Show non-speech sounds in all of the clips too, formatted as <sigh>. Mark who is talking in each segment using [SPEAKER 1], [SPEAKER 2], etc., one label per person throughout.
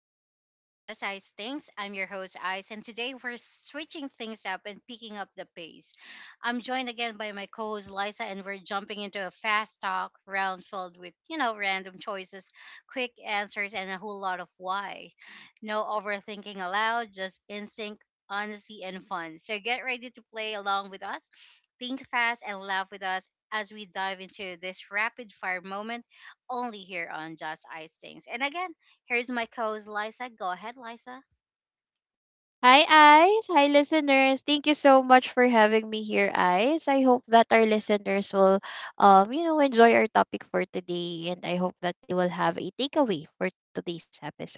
[SPEAKER 1] welcome back to Just Ice Things. I'm your host, Ice, and today we're switching things up and picking up the pace. I'm joined again by my co host, Liza, and we're jumping into a fast talk round filled with, random choices, quick answers, and a whole lot of why. No overthinking allowed, just instinct, honesty, and fun. So get ready to play along with us, think fast, and laugh with us as we dive into this rapid fire moment only here on Just Ice Things. And again, here's my co-host Liza. Go ahead, Liza.
[SPEAKER 2] Hi, Eyes. Hi, listeners. Thank you so much for having me here, Eyes. I hope that our listeners will, enjoy our topic for today, and I hope that they will have a takeaway for today's episode.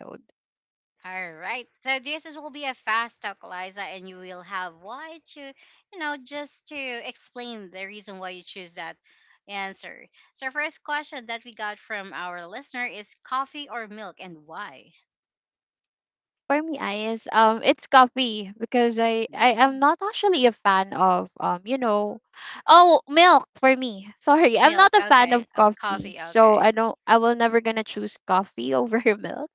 [SPEAKER 1] All right. So this is will be a fast talk, Liza, and you will have why to, just to explain the reason why you choose that answer. So first question that we got from our listener is coffee or milk and why?
[SPEAKER 2] For me, Eyes, it's coffee because I
[SPEAKER 1] Yeah.
[SPEAKER 2] I am not actually a fan of oh, milk for me. <laughs> Sorry, I'm not
[SPEAKER 1] Milk.
[SPEAKER 2] a fan of
[SPEAKER 1] Okay. Of
[SPEAKER 2] coffee,
[SPEAKER 1] coffee.
[SPEAKER 2] so I
[SPEAKER 1] Okay.
[SPEAKER 2] don't. I will never gonna choose coffee <laughs> over milk.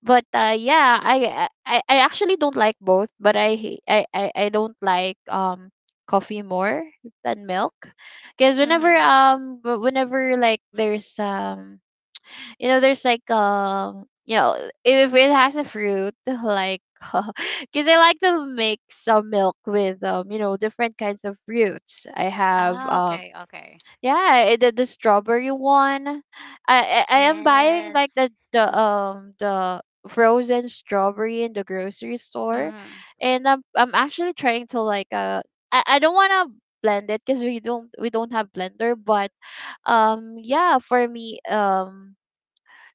[SPEAKER 2] But I actually don't like both but I hate- I don't like coffee more than milk because whenever
[SPEAKER 1] Mhm.
[SPEAKER 2] um w- whenever like there's there's like if it has a fruit like <laughs> because I like to mix some milk with different kinds of fruits i have
[SPEAKER 1] Ah,
[SPEAKER 2] um
[SPEAKER 1] okay. Okay.
[SPEAKER 2] yeah, the strawberry one. I am buying like
[SPEAKER 1] Yes.
[SPEAKER 2] the frozen strawberry in the grocery store,
[SPEAKER 1] Mhm.
[SPEAKER 2] and I'm actually trying to like I don't wanna blend it because we don't have blender, but yeah for me.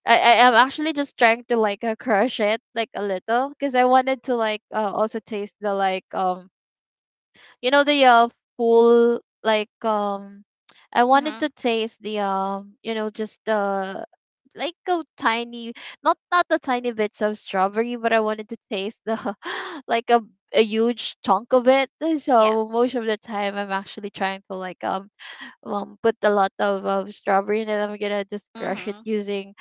[SPEAKER 2] I am actually just trying to like crush it like a little because I wanted to like also taste the like the full like I wanted
[SPEAKER 1] Mhm.
[SPEAKER 2] to taste the just the like a tiny not the tiny bits of strawberry but I wanted to taste the <laughs> like a huge chunk of it
[SPEAKER 1] Yeah.
[SPEAKER 2] so most of the time I'm actually trying to like put a lot of strawberry and then I'm gonna just crush it
[SPEAKER 1] Mhm.
[SPEAKER 2] using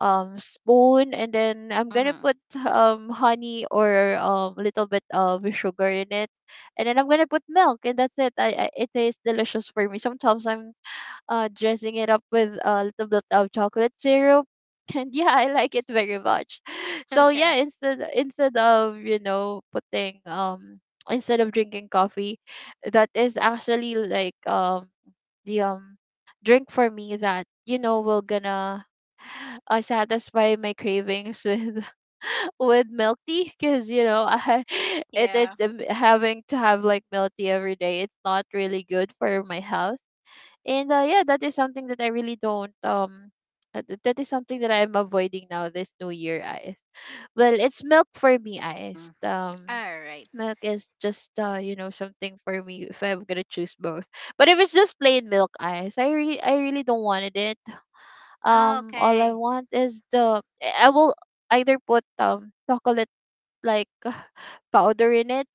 [SPEAKER 2] spoon and then I'm gonna
[SPEAKER 1] Mhm. <laughs>
[SPEAKER 2] put honey or a little bit of sugar in it and then I'm gonna put milk and that's it. I it tastes delicious for me. Sometimes I'm dressing it up with a little bit of chocolate syrup. <laughs> And yeah, I like it very much. <laughs> So yeah,
[SPEAKER 1] Okay.
[SPEAKER 2] instead of putting instead of drinking coffee, that is actually like the drink for me that will gonna <sighs> satisfy my cravings with <laughs> with milk tea because I <laughs> it
[SPEAKER 1] Yeah.
[SPEAKER 2] having to have like milk tea every day it's not really good for my health and yeah, that is something that I really don't that is something that I'm avoiding now this new year, eyes. Well, it's milk for me, eyes.
[SPEAKER 1] Mm. All right.
[SPEAKER 2] Milk is just something for me if I'm gonna choose both. But if it's just plain milk eyes, I really don't wanted it.
[SPEAKER 1] Ah,
[SPEAKER 2] All I
[SPEAKER 1] okay.
[SPEAKER 2] want is the. I will either put chocolate like <sighs> <laughs> powder in it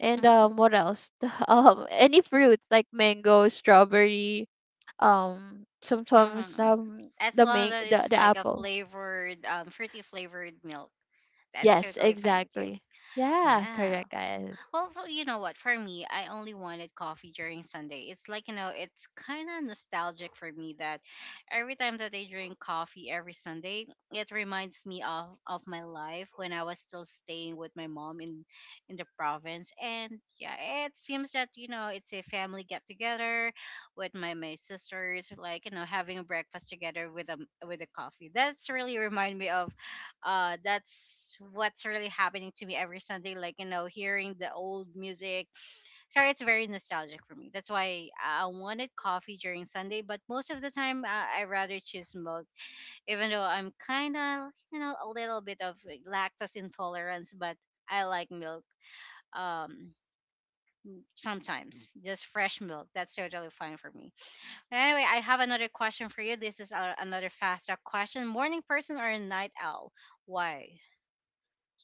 [SPEAKER 2] and
[SPEAKER 1] Mm-hmm.
[SPEAKER 2] what else <laughs> any fruits like mango strawberry sometimes
[SPEAKER 1] As
[SPEAKER 2] the
[SPEAKER 1] long
[SPEAKER 2] main
[SPEAKER 1] as
[SPEAKER 2] the,
[SPEAKER 1] it's
[SPEAKER 2] the
[SPEAKER 1] like a
[SPEAKER 2] apple
[SPEAKER 1] flavored, fruity flavored milk, that's
[SPEAKER 2] yes
[SPEAKER 1] totally fine with you.
[SPEAKER 2] exactly yeah
[SPEAKER 1] Yeah.
[SPEAKER 2] correct guys.
[SPEAKER 1] Well, for, you know what? For me, I only wanted coffee during Sunday. It's like, it's kind of nostalgic for me that every time that I drink coffee every Sunday, it reminds me of my life when I was still staying with my mom in the province. And yeah, it seems that, it's a family get together with my sisters, like, having breakfast together with a coffee. That's what's really happening to me every Sunday, like, hearing the old music. Sorry, it's very nostalgic for me. That's why I wanted coffee during Sunday, but most of the time I rather choose milk, even though I'm kind of a little bit of, like, lactose intolerance. But I like milk. um Sometimes just fresh milk, that's totally fine for me. But anyway, I have another question for you. This is another fast talk question. Morning person or a night owl? Why?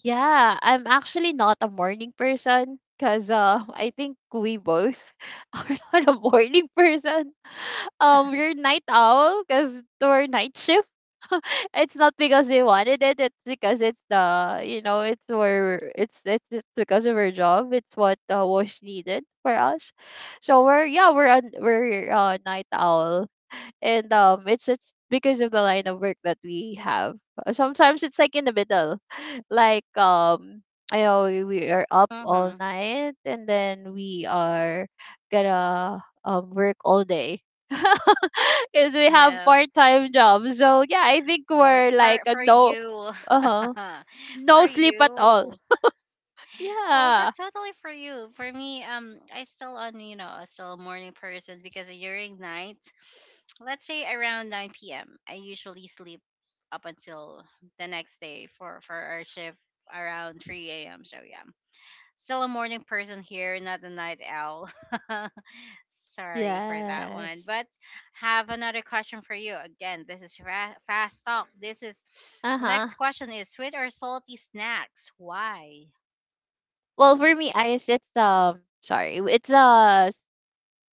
[SPEAKER 2] Yeah, I'm actually not a morning person because <laughs> I think we both <laughs> are not a morning person. We're night owl because we're night shift. <laughs> It's not because we wanted it. It's because it's the it's because of our job. It's what was needed for us. So we're yeah we're night owl and it's because of the line of work that we have. Sometimes it's like in the middle <laughs> like I know we are up all
[SPEAKER 1] Mm-hmm.
[SPEAKER 2] night and then we are gonna work all day <laughs> because we have part-time jobs so yeah I think
[SPEAKER 1] Well,
[SPEAKER 2] we're
[SPEAKER 1] for
[SPEAKER 2] like a
[SPEAKER 1] for
[SPEAKER 2] no,
[SPEAKER 1] you,
[SPEAKER 2] uh-huh,
[SPEAKER 1] <laughs>
[SPEAKER 2] no
[SPEAKER 1] for
[SPEAKER 2] sleep at all.
[SPEAKER 1] you.
[SPEAKER 2] <laughs>
[SPEAKER 1] Well,
[SPEAKER 2] Yeah,
[SPEAKER 1] that's totally for you. For me, I still on you know I still a morning person because during night, let's say around 9 p.m., I usually sleep up until the next day for our shift around 3 a.m. So yeah, still a morning person here, not a night owl. <laughs> Sorry for that one.
[SPEAKER 2] yes,
[SPEAKER 1] But have another question for you. Again, this is fast talk. This is next
[SPEAKER 2] uh-huh.
[SPEAKER 1] question is sweet or salty snacks? Why?
[SPEAKER 2] Well for me I it's sorry it's a.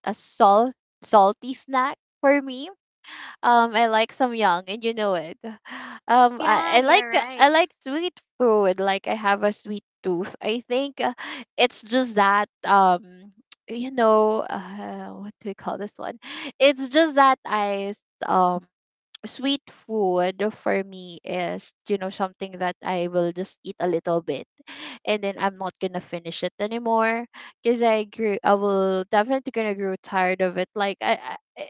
[SPEAKER 2] a salt salty snack for me. I like some young, and you know it. <sighs> Um,
[SPEAKER 1] Yeah,
[SPEAKER 2] I, I like
[SPEAKER 1] you're
[SPEAKER 2] I
[SPEAKER 1] right.
[SPEAKER 2] like sweet food. Like I have a sweet tooth. I think it's just that <tsk> you know, what do we call this one? It's just that I um sweet food for me is something that I will just eat a little bit and then I'm not gonna finish it anymore because I will definitely gonna grow tired of it like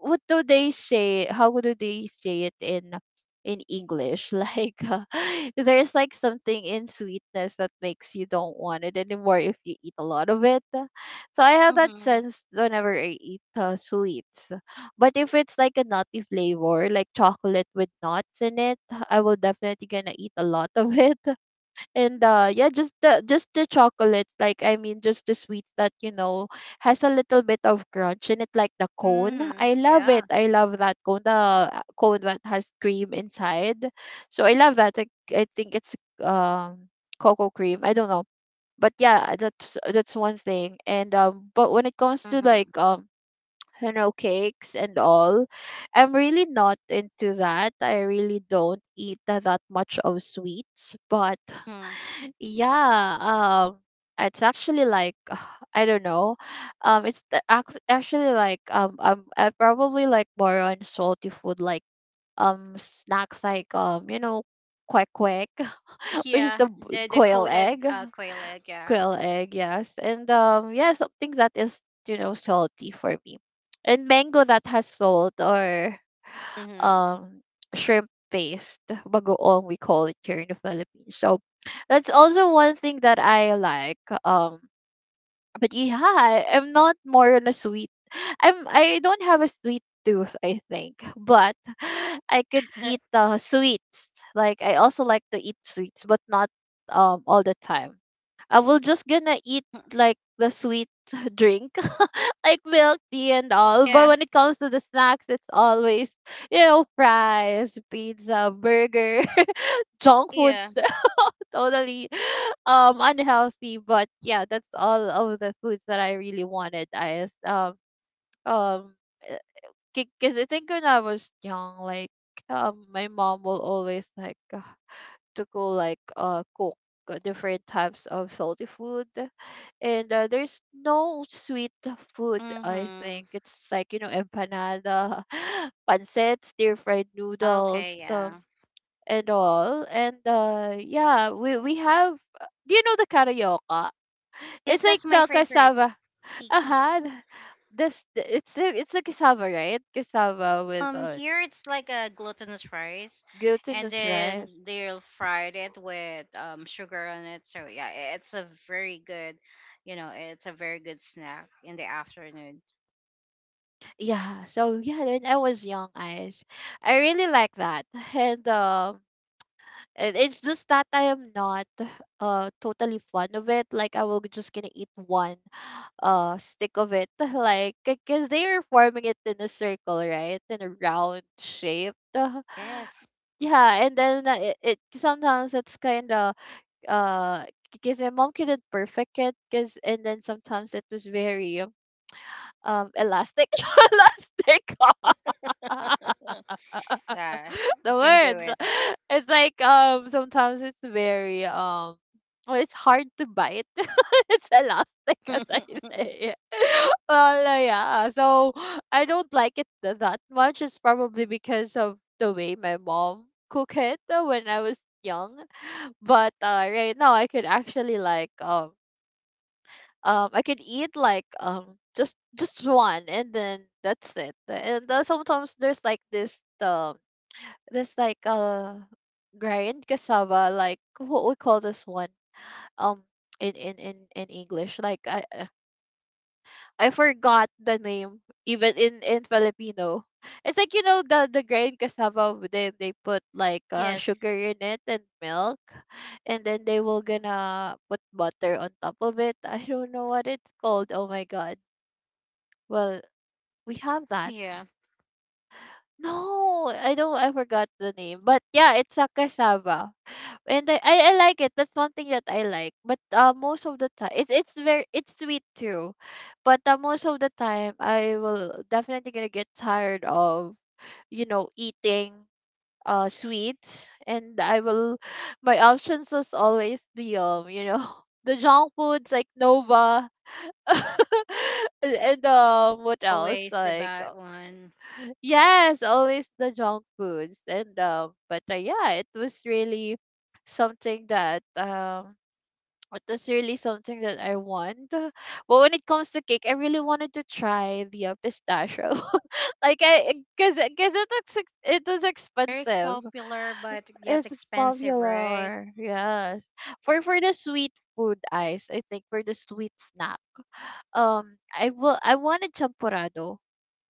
[SPEAKER 2] what do they say how do they say it in English <laughs> like there's like something in sweetness that makes you don't want it anymore if you eat a lot of it so I have that
[SPEAKER 1] Mhm.
[SPEAKER 2] sense whenever I eat sweets but if it's like a nutty flavor, like chocolate with nuts in it, I will definitely gonna eat a lot of <laughs> it and yeah just the chocolate like I mean just the sweets that has a little bit of crunch in it like the cone
[SPEAKER 1] Mhm.
[SPEAKER 2] I love it
[SPEAKER 1] Yeah.
[SPEAKER 2] I love that cone the cone that has cream inside so I love that I think it's um cocoa cream I don't know but yeah that's one thing and but when it comes to like
[SPEAKER 1] Mhm.
[SPEAKER 2] cakes and all I'm really not into that I really don't eat that much of sweets but
[SPEAKER 1] Mhm.
[SPEAKER 2] yeah, it's actually like <sighs> I don't know. It's actually like I probably like more on salty food, like snacks like quack quack, <laughs> which is
[SPEAKER 1] Yeah, the coated quail egg. Yeah.
[SPEAKER 2] quail egg, yes, and yeah something that is salty for me, and mango that has salt or
[SPEAKER 1] Mhm.
[SPEAKER 2] um shrimp paste bagoong we call it here in the Philippines so that's also one thing that I like but yeah. I'm not more on a sweet I'm I don't have a sweet tooth I think but <laughs> I could eat
[SPEAKER 1] <laughs>
[SPEAKER 2] sweets like I also like to eat sweets but not all the time. I will just gonna eat like the sweet <laughs> drink, <laughs> like milk tea and all. But
[SPEAKER 1] Yeah.
[SPEAKER 2] when it comes to the snacks, it's always fries, pizza, burger, <laughs> junk foods.
[SPEAKER 1] Yeah.
[SPEAKER 2] <laughs> Totally unhealthy. But yeah, that's all of the foods that I really wanted. Um because I think when I was young, like my mom will always like to go like cook different types of salty food and there's no sweet food I think
[SPEAKER 1] Mhm.
[SPEAKER 2] it's like empanada <laughs> pancit stir fried
[SPEAKER 1] Okay.
[SPEAKER 2] noodles
[SPEAKER 1] Yeah.
[SPEAKER 2] and all and yeah we have do you know the karaoke
[SPEAKER 1] Yes,
[SPEAKER 2] it's like
[SPEAKER 1] that's my
[SPEAKER 2] the
[SPEAKER 1] favorite.
[SPEAKER 2] cassava,
[SPEAKER 1] It's sticky.
[SPEAKER 2] uh-huh, it's a cassava right cassava with
[SPEAKER 1] Here it's like a glutinous rice, and
[SPEAKER 2] glutinous
[SPEAKER 1] then
[SPEAKER 2] rice.
[SPEAKER 1] they'll fry it with sugar on it. So yeah, it's a very good, it's a very good snack in the afternoon.
[SPEAKER 2] Yeah, so yeah, when I was young, eyes, I really like that, <laughs> and it's just that I am not totally fond of it. Like I will just gonna eat one stick of it, <laughs> like because they are forming it in a circle, right, in a round shape. <laughs>
[SPEAKER 1] Yes.
[SPEAKER 2] Yeah, and then it sometimes it's kind of uh because my mom couldn't perfect it, because and then sometimes it was very elastic, <laughs> elastic. <laughs>
[SPEAKER 1] <laughs> Yeah,
[SPEAKER 2] The
[SPEAKER 1] you can do
[SPEAKER 2] words. <laughs> It's like sometimes it's very um, well, it's hard to bite. <laughs> It's elastic as
[SPEAKER 1] it.
[SPEAKER 2] I
[SPEAKER 1] <laughs>
[SPEAKER 2] say. <laughs> Well, yeah. So I don't like it that much. It's probably because of the way my mom cook it when I was young. But right now I could actually like I could eat like just one and then that's it. And sometimes there's like this there's like a grind cassava, like what we call this one. Um, in English, like I forgot the name even in Filipino. It's like the grind cassava. Then they put like
[SPEAKER 1] Yes,
[SPEAKER 2] sugar in it and milk, and then they will gonna put butter on top of it. I don't know what it's called. Oh my god. Well, we have that.
[SPEAKER 1] yeah,
[SPEAKER 2] No, I don't. I forgot the name. But yeah, it's a cassava. And I like it. That's one thing that I like. But most of the time, it's very it's sweet too, but most of the time, I will definitely gonna get tired of eating sweets, and I will my options is always the <laughs> the junk foods like Nova, <laughs> and what else
[SPEAKER 1] always the
[SPEAKER 2] like,
[SPEAKER 1] bad one.
[SPEAKER 2] yes, always the junk foods. And but yeah, it was really something that it was really something that I want. But when it comes to cake, I really wanted to try the pistachio. <laughs> Like cause it looks, it was
[SPEAKER 1] Very
[SPEAKER 2] expensive.
[SPEAKER 1] popular but yet
[SPEAKER 2] It's
[SPEAKER 1] expensive, right?
[SPEAKER 2] popular. Yes, for the sweet food ice, I think for the sweet snack. I will. I wanted champorado,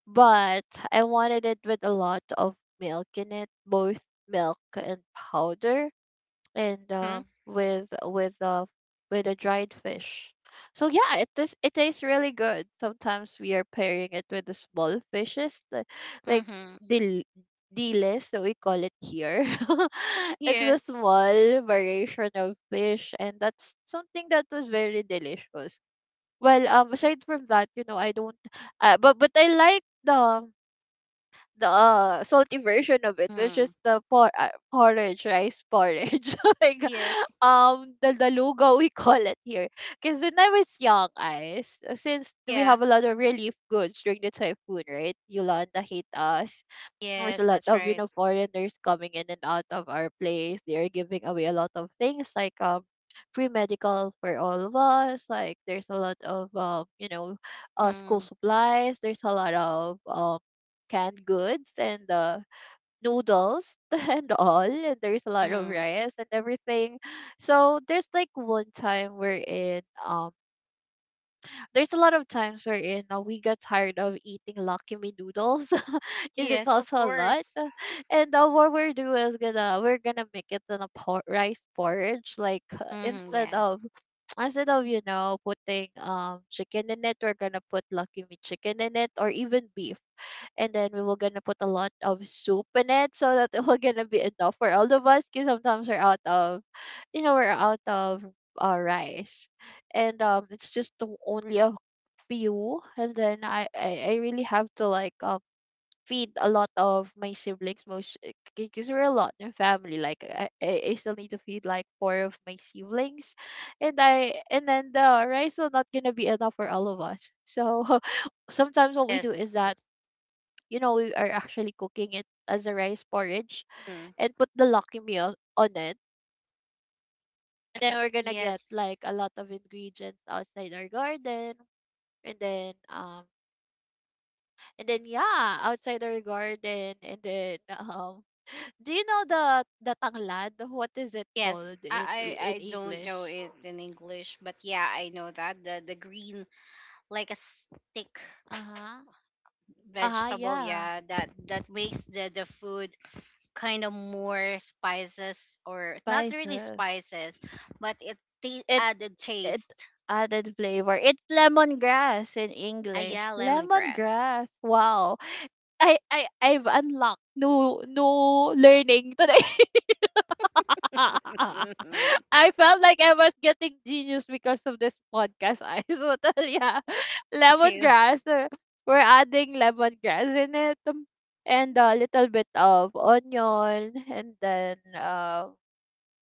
[SPEAKER 2] but I wanted it with a lot of milk in it, both milk and powder, and with with a dried fish. So yeah, it tastes really good. Sometimes we are pairing it with the small fishes, like
[SPEAKER 1] Mm-hmm.
[SPEAKER 2] the diles that we call it here. <laughs> It's the
[SPEAKER 1] Yes.
[SPEAKER 2] small variation of fish, and that's something that was very delicious. Well, aside from that, I don't. But I like the salty version of it, which is
[SPEAKER 1] Mm.
[SPEAKER 2] the porridge, rice porridge, <laughs> like
[SPEAKER 1] Yes.
[SPEAKER 2] the daluga we call it here. Because when I was young, since we
[SPEAKER 1] Yeah.
[SPEAKER 2] have a lot of relief goods during the typhoon, right? Yolanda hate us. There's a
[SPEAKER 1] Yes,
[SPEAKER 2] lot
[SPEAKER 1] that's
[SPEAKER 2] of
[SPEAKER 1] right.
[SPEAKER 2] foreigners coming in and out of our place. They are giving away a lot of things like, free medical for all of us. Like, there's a lot of school
[SPEAKER 1] Mm-hmm.
[SPEAKER 2] supplies. There's a lot of canned goods and noodles, <laughs> and all, and there's a lot of rice and everything. So there's like one time we're in, there's a lot of times wherein we got tired of eating Lucky Me noodles. <laughs> Is it
[SPEAKER 1] Yes, of
[SPEAKER 2] also a lot?
[SPEAKER 1] course.
[SPEAKER 2] And what we're do is gonna we're gonna make it in a rice porridge. Like,
[SPEAKER 1] Hmm,
[SPEAKER 2] instead
[SPEAKER 1] yeah.
[SPEAKER 2] of, putting chicken in it, we're gonna put Lucky Me chicken in it, or even beef. And then we were gonna put a lot of soup in it, so that it will gonna be enough for all of us. Cause sometimes we're out of rice, and it's just the only a few. And then I really have to, like, feed a lot of my siblings most, because we're a lot in family. Like, I still need to feed like four of my siblings. And then the rice will not gonna be enough for all of us. So <laughs> sometimes what we do
[SPEAKER 1] Yes.
[SPEAKER 2] is that,
[SPEAKER 1] That's,
[SPEAKER 2] we are actually cooking it as a rice porridge
[SPEAKER 1] mm,
[SPEAKER 2] and put the lucky meal on it, and then we're gonna get
[SPEAKER 1] yes.
[SPEAKER 2] like a lot of ingredients outside our garden, and then, and then yeah, outside our garden, and then, <laughs> do you know the tanglad? What is it
[SPEAKER 1] Yes.
[SPEAKER 2] called
[SPEAKER 1] I,
[SPEAKER 2] in
[SPEAKER 1] I
[SPEAKER 2] in
[SPEAKER 1] I don't know
[SPEAKER 2] English?
[SPEAKER 1] it in English, but yeah, I know that the green like a stick
[SPEAKER 2] Uh-huh. Uh-huh,
[SPEAKER 1] vegetable.
[SPEAKER 2] yeah.
[SPEAKER 1] Yeah, that makes the food kind of more spices or not really
[SPEAKER 2] Spices.
[SPEAKER 1] spices, but it the
[SPEAKER 2] It
[SPEAKER 1] added
[SPEAKER 2] it
[SPEAKER 1] taste.
[SPEAKER 2] added flavor. It's lemongrass in
[SPEAKER 1] Ah, yeah,
[SPEAKER 2] English.
[SPEAKER 1] lemongrass.
[SPEAKER 2] Lemongrass. Wow. I've unlocked new learning today. <laughs> <laughs>
[SPEAKER 1] <laughs>
[SPEAKER 2] I felt like I was getting genius because of this podcast. I <laughs> so tell, yeah,
[SPEAKER 1] Me too.
[SPEAKER 2] lemongrass. We're adding lemongrass in it, and a little bit of onion, and then,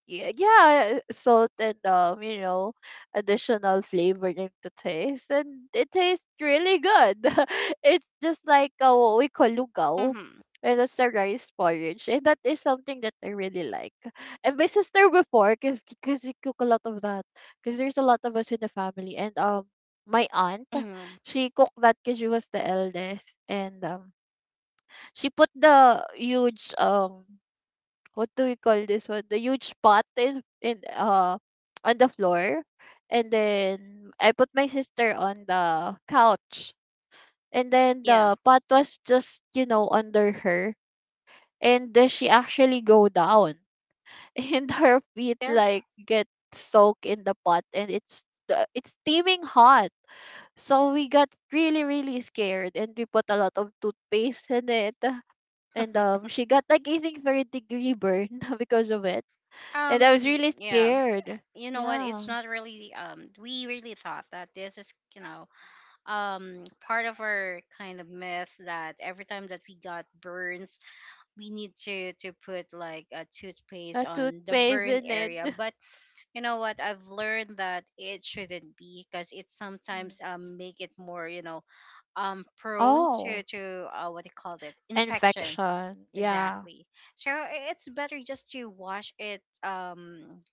[SPEAKER 2] yeah, yeah, salt, and additional flavor into taste, and it tastes really good. <laughs> It's just like, what we call lugaw,
[SPEAKER 1] Hmm.
[SPEAKER 2] and it's a rice porridge, and that is something that I really like. And my sister before, cause we cook a lot of that, cause there's a lot of us in the family, and, my aunt,
[SPEAKER 1] Hmm.
[SPEAKER 2] she cooked that cause she was the eldest, and, she put the huge, what do we call this one? The huge pot in on the floor. And then I put my sister on the couch. And then
[SPEAKER 1] Yeah.
[SPEAKER 2] the pot was just, under her. And then she actually go down. <laughs> And her feet
[SPEAKER 1] Yeah.
[SPEAKER 2] like get soaked in the pot, and it's it's steaming hot. So we got really, really scared, and we put a lot of toothpaste in it. And she got, like, I think, third degree burn <laughs> because of it, and I was really
[SPEAKER 1] Yeah.
[SPEAKER 2] scared.
[SPEAKER 1] You know what, it's
[SPEAKER 2] Yeah.
[SPEAKER 1] not really we really thought that this is, part of our kind of myth that every time that we got burns we need to put like a toothpaste
[SPEAKER 2] A
[SPEAKER 1] on the
[SPEAKER 2] toothpaste
[SPEAKER 1] burn
[SPEAKER 2] in it.
[SPEAKER 1] area.
[SPEAKER 2] <laughs>
[SPEAKER 1] But you know what, I've learned that it shouldn't be because it
[SPEAKER 2] Mm-hmm.
[SPEAKER 1] sometimes make it more, prone to
[SPEAKER 2] Oh.
[SPEAKER 1] to what they called it infection.
[SPEAKER 2] Infection. Yeah.
[SPEAKER 1] Exactly. So it's better just to wash it,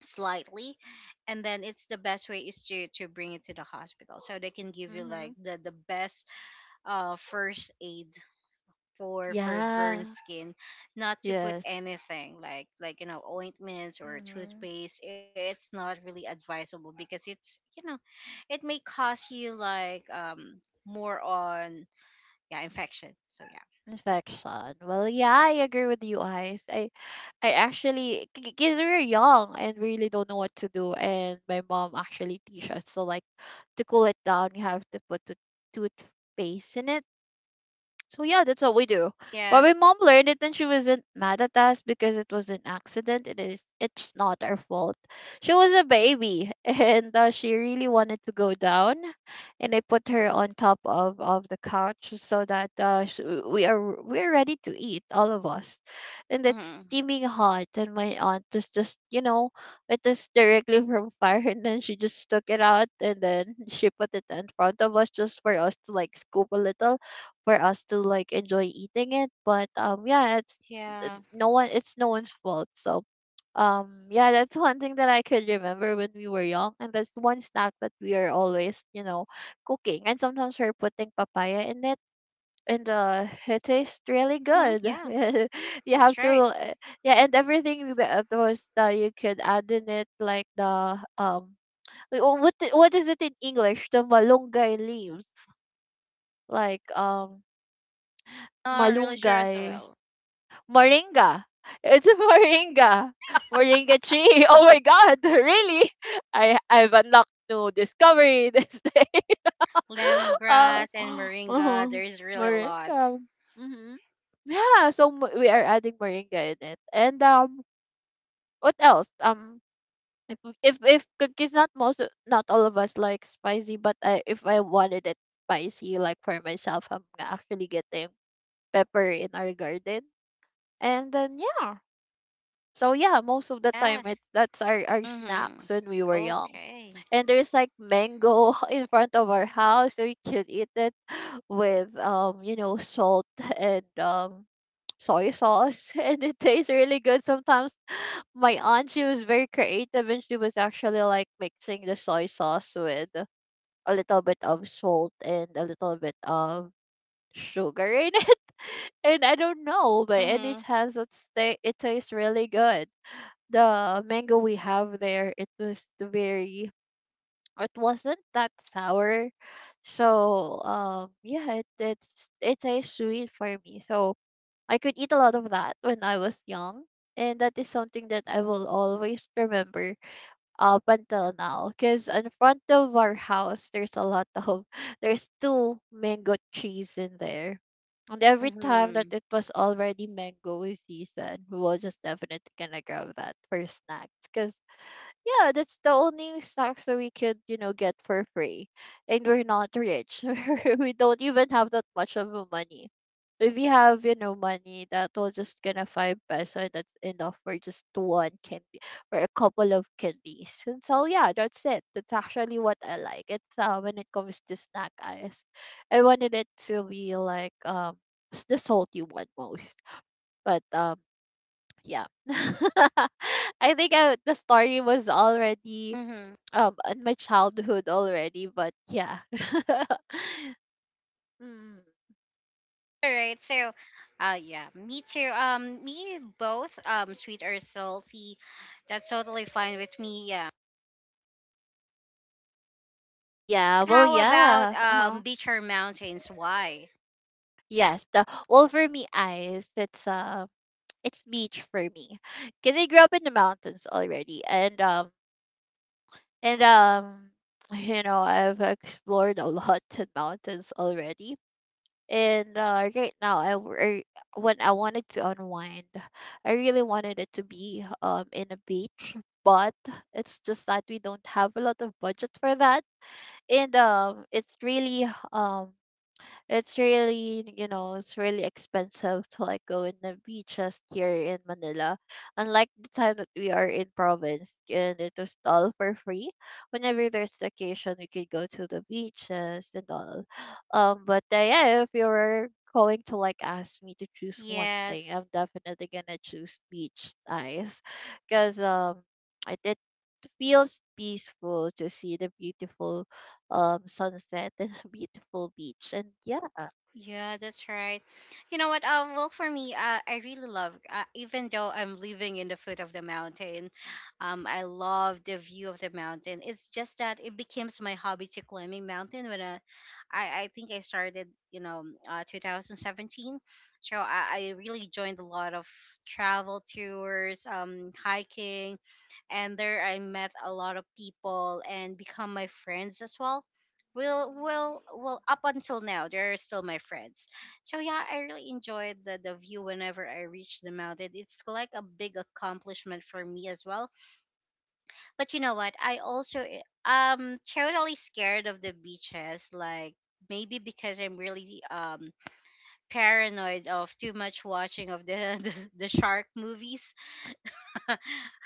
[SPEAKER 1] slightly, and then it's the best way is to bring it to the hospital so they can give you
[SPEAKER 2] Mm-hmm.
[SPEAKER 1] like the best first aid for burn
[SPEAKER 2] Yeah.
[SPEAKER 1] skin, not to put
[SPEAKER 2] Yes.
[SPEAKER 1] anything like ointments or
[SPEAKER 2] Mm-hmm.
[SPEAKER 1] toothpaste. It's not really advisable because it's, it may cause you like, more on, yeah, infection. So yeah.
[SPEAKER 2] Infection. Well, yeah, I agree with you guys. I actually, because we're young and really don't know what to do, and my mom actually teach us so like, to cool it down, you have to put the toothpaste in it. So yeah, that's what we do. But my
[SPEAKER 1] Yes.
[SPEAKER 2] mom learned it, and she wasn't mad at us because it was an accident. It's not our fault. She was a baby, <laughs> and she really wanted to go down, and I put her on top of the couch so that we are ready to eat, all of us. And it's
[SPEAKER 1] Hmm,
[SPEAKER 2] steaming hot, and my aunt is just, it is directly <laughs> from fire, and then she just took it out, and then she put it in front of us, just for us to like scoop a little, for us to like enjoy eating it. But yeah, it's
[SPEAKER 1] yeah.
[SPEAKER 2] no one. It's no one's fault. So, yeah, that's one thing that I could remember when we were young, and that's one snack that we are always, cooking. And sometimes we're putting papaya in it. And it tastes really
[SPEAKER 1] Hmm,
[SPEAKER 2] good.
[SPEAKER 1] yeah,
[SPEAKER 2] <laughs> You have
[SPEAKER 1] that's
[SPEAKER 2] to,
[SPEAKER 1] right.
[SPEAKER 2] yeah, and everything that was that you could add in it, like the, wait, what is it in English? The malunggay leaves, like,
[SPEAKER 1] Not really sure as
[SPEAKER 2] malunggay.
[SPEAKER 1] well.
[SPEAKER 2] Moringa. It's a moringa. Moringa tree. <laughs> Oh my god, <laughs> really? I've unlocked new discovery this day. <laughs> uh, <gasps>
[SPEAKER 1] Lemongrass and moringa.
[SPEAKER 2] uh-huh.
[SPEAKER 1] There is really a lot.
[SPEAKER 2] Moringa. Mm-hmm. Yeah, so we are adding moringa in it. And, what else? If if cookies, not not all of us like spicy, but I if I wanted it spicy, like, for myself, I'm actually getting pepper in our garden. And then yeah. So yeah, most of the time, it
[SPEAKER 1] Yes.
[SPEAKER 2] that's our snacks
[SPEAKER 1] Mhm.
[SPEAKER 2] when we were young.
[SPEAKER 1] Okay.
[SPEAKER 2] And there's like mango <laughs> in front of our house, so we could eat it <sighs> with, salt, and soy sauce, <laughs> and it tastes really good. Sometimes my aunt, she was very creative, and she was actually like mixing the soy sauce with a little bit of salt and a little bit of sugar in it. <laughs> And I don't know, by any
[SPEAKER 1] Mhm.
[SPEAKER 2] chance it's it tastes really good. The mango we have there, it wasn't that sour. So, yeah, it tastes sweet for me. So I could eat a lot of that when I was young, and that is something that I will always remember up until now, because in front of our house there's a lot of <laughs> there's two mango trees in there. And every time that
[SPEAKER 1] Mhm.
[SPEAKER 2] it was already mango season, we will just definitely gonna grab that for snacks. Cause yeah, that's the only snacks that we could, get for free. And we're not rich. <laughs> We don't even have that much of a money. If we have, money that was just gonna 5 peso, that's enough for just one candy or a couple of candies. And so yeah, that's it. That's actually what I like. It's when it comes to snack eyes. I wanted it to be like, the salty one most. But, yeah. <laughs> I think, the story was already,
[SPEAKER 1] Mhm.
[SPEAKER 2] in my childhood already, but yeah. <laughs> Mm,
[SPEAKER 1] All right. So, yeah, me too. Me both. Sweet or salty, that's totally fine with me. Yeah.
[SPEAKER 2] yeah.
[SPEAKER 1] But
[SPEAKER 2] Well,
[SPEAKER 1] how about
[SPEAKER 2] yeah. Uh-huh.
[SPEAKER 1] beach or mountains? Why?
[SPEAKER 2] Yes. the Well, for me eyes, it's <tsk> it's beach for me, because I grew up in the mountains already, and, and um <sighs> I've explored a lot <laughs> in mountains already. And right now, when I wanted to unwind, I really wanted it to be, in a beach. But it's just that we don't have a lot of budget for that. And it's really it's really expensive to like go in the beaches here in Manila, unlike the time that we are in province, and it was all for free. Whenever there's vacation, we could go to the beaches and all. But yeah, if you were going to like ask me to choose one thing,
[SPEAKER 1] Yes.
[SPEAKER 2] I'm definitely gonna choose beach, guys. Because, it feels peaceful to see the beautiful, sunset and a beautiful beach, and yeah.
[SPEAKER 1] Yeah, that's right. You know what? Well, for me, I really love, even though I'm living in the foot of the mountain, I love the view of the mountain. It's just that it becomes my hobby to climbing mountain when I think I started, 2017. So I really joined a lot of travel tours, hiking, and there I met a lot of people and become my friends as well up until now they're still my friends. So yeah, I really enjoyed the view whenever I reach the mountain. It's like a big accomplishment for me as well. But you know what, I also totally scared of the beaches, like maybe because I'm really, paranoid of too much watching of the <laughs> the shark movies. <laughs>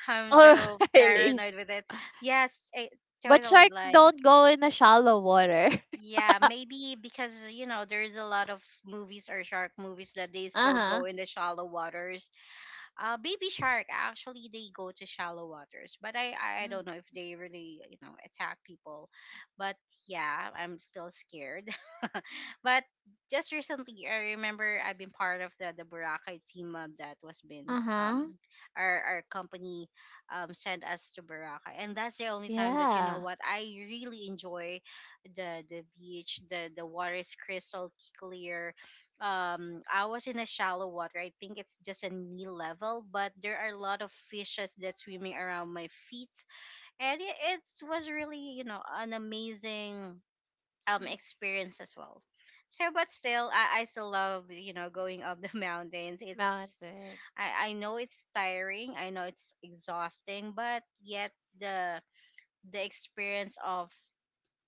[SPEAKER 1] I'm
[SPEAKER 2] Oh,
[SPEAKER 1] so
[SPEAKER 2] <laughs> really?
[SPEAKER 1] paranoid with it. Yes,
[SPEAKER 2] But
[SPEAKER 1] totally
[SPEAKER 2] shark
[SPEAKER 1] like.
[SPEAKER 2] don't go in the shallow water.
[SPEAKER 1] Yeah, maybe because there's a lot of movies or shark movies that they
[SPEAKER 2] <laughs>
[SPEAKER 1] still go
[SPEAKER 2] Uh-huh.
[SPEAKER 1] in the shallow waters. Baby shark actually they go to shallow waters, but I
[SPEAKER 2] Mm.
[SPEAKER 1] don't know if they really attack people. But yeah, I'm still scared. <laughs> But just recently I remember I've been part of the Boracay team, that was been
[SPEAKER 2] Uh-huh,
[SPEAKER 1] our company sent us to Boracay, and that's the only time that you know
[SPEAKER 2] yeah.
[SPEAKER 1] what I really enjoy the beach. The water is crystal clear. I was in a shallow water. I think it's just a knee level, but there are a lot of fishes that's swimming around my feet, and it was really an amazing
[SPEAKER 2] Mm.
[SPEAKER 1] experience as well. So, but still, I still love going up the <laughs> mountains. It's
[SPEAKER 2] Mountain.
[SPEAKER 1] I know it's tiring. I know it's exhausting, but yet the the experience of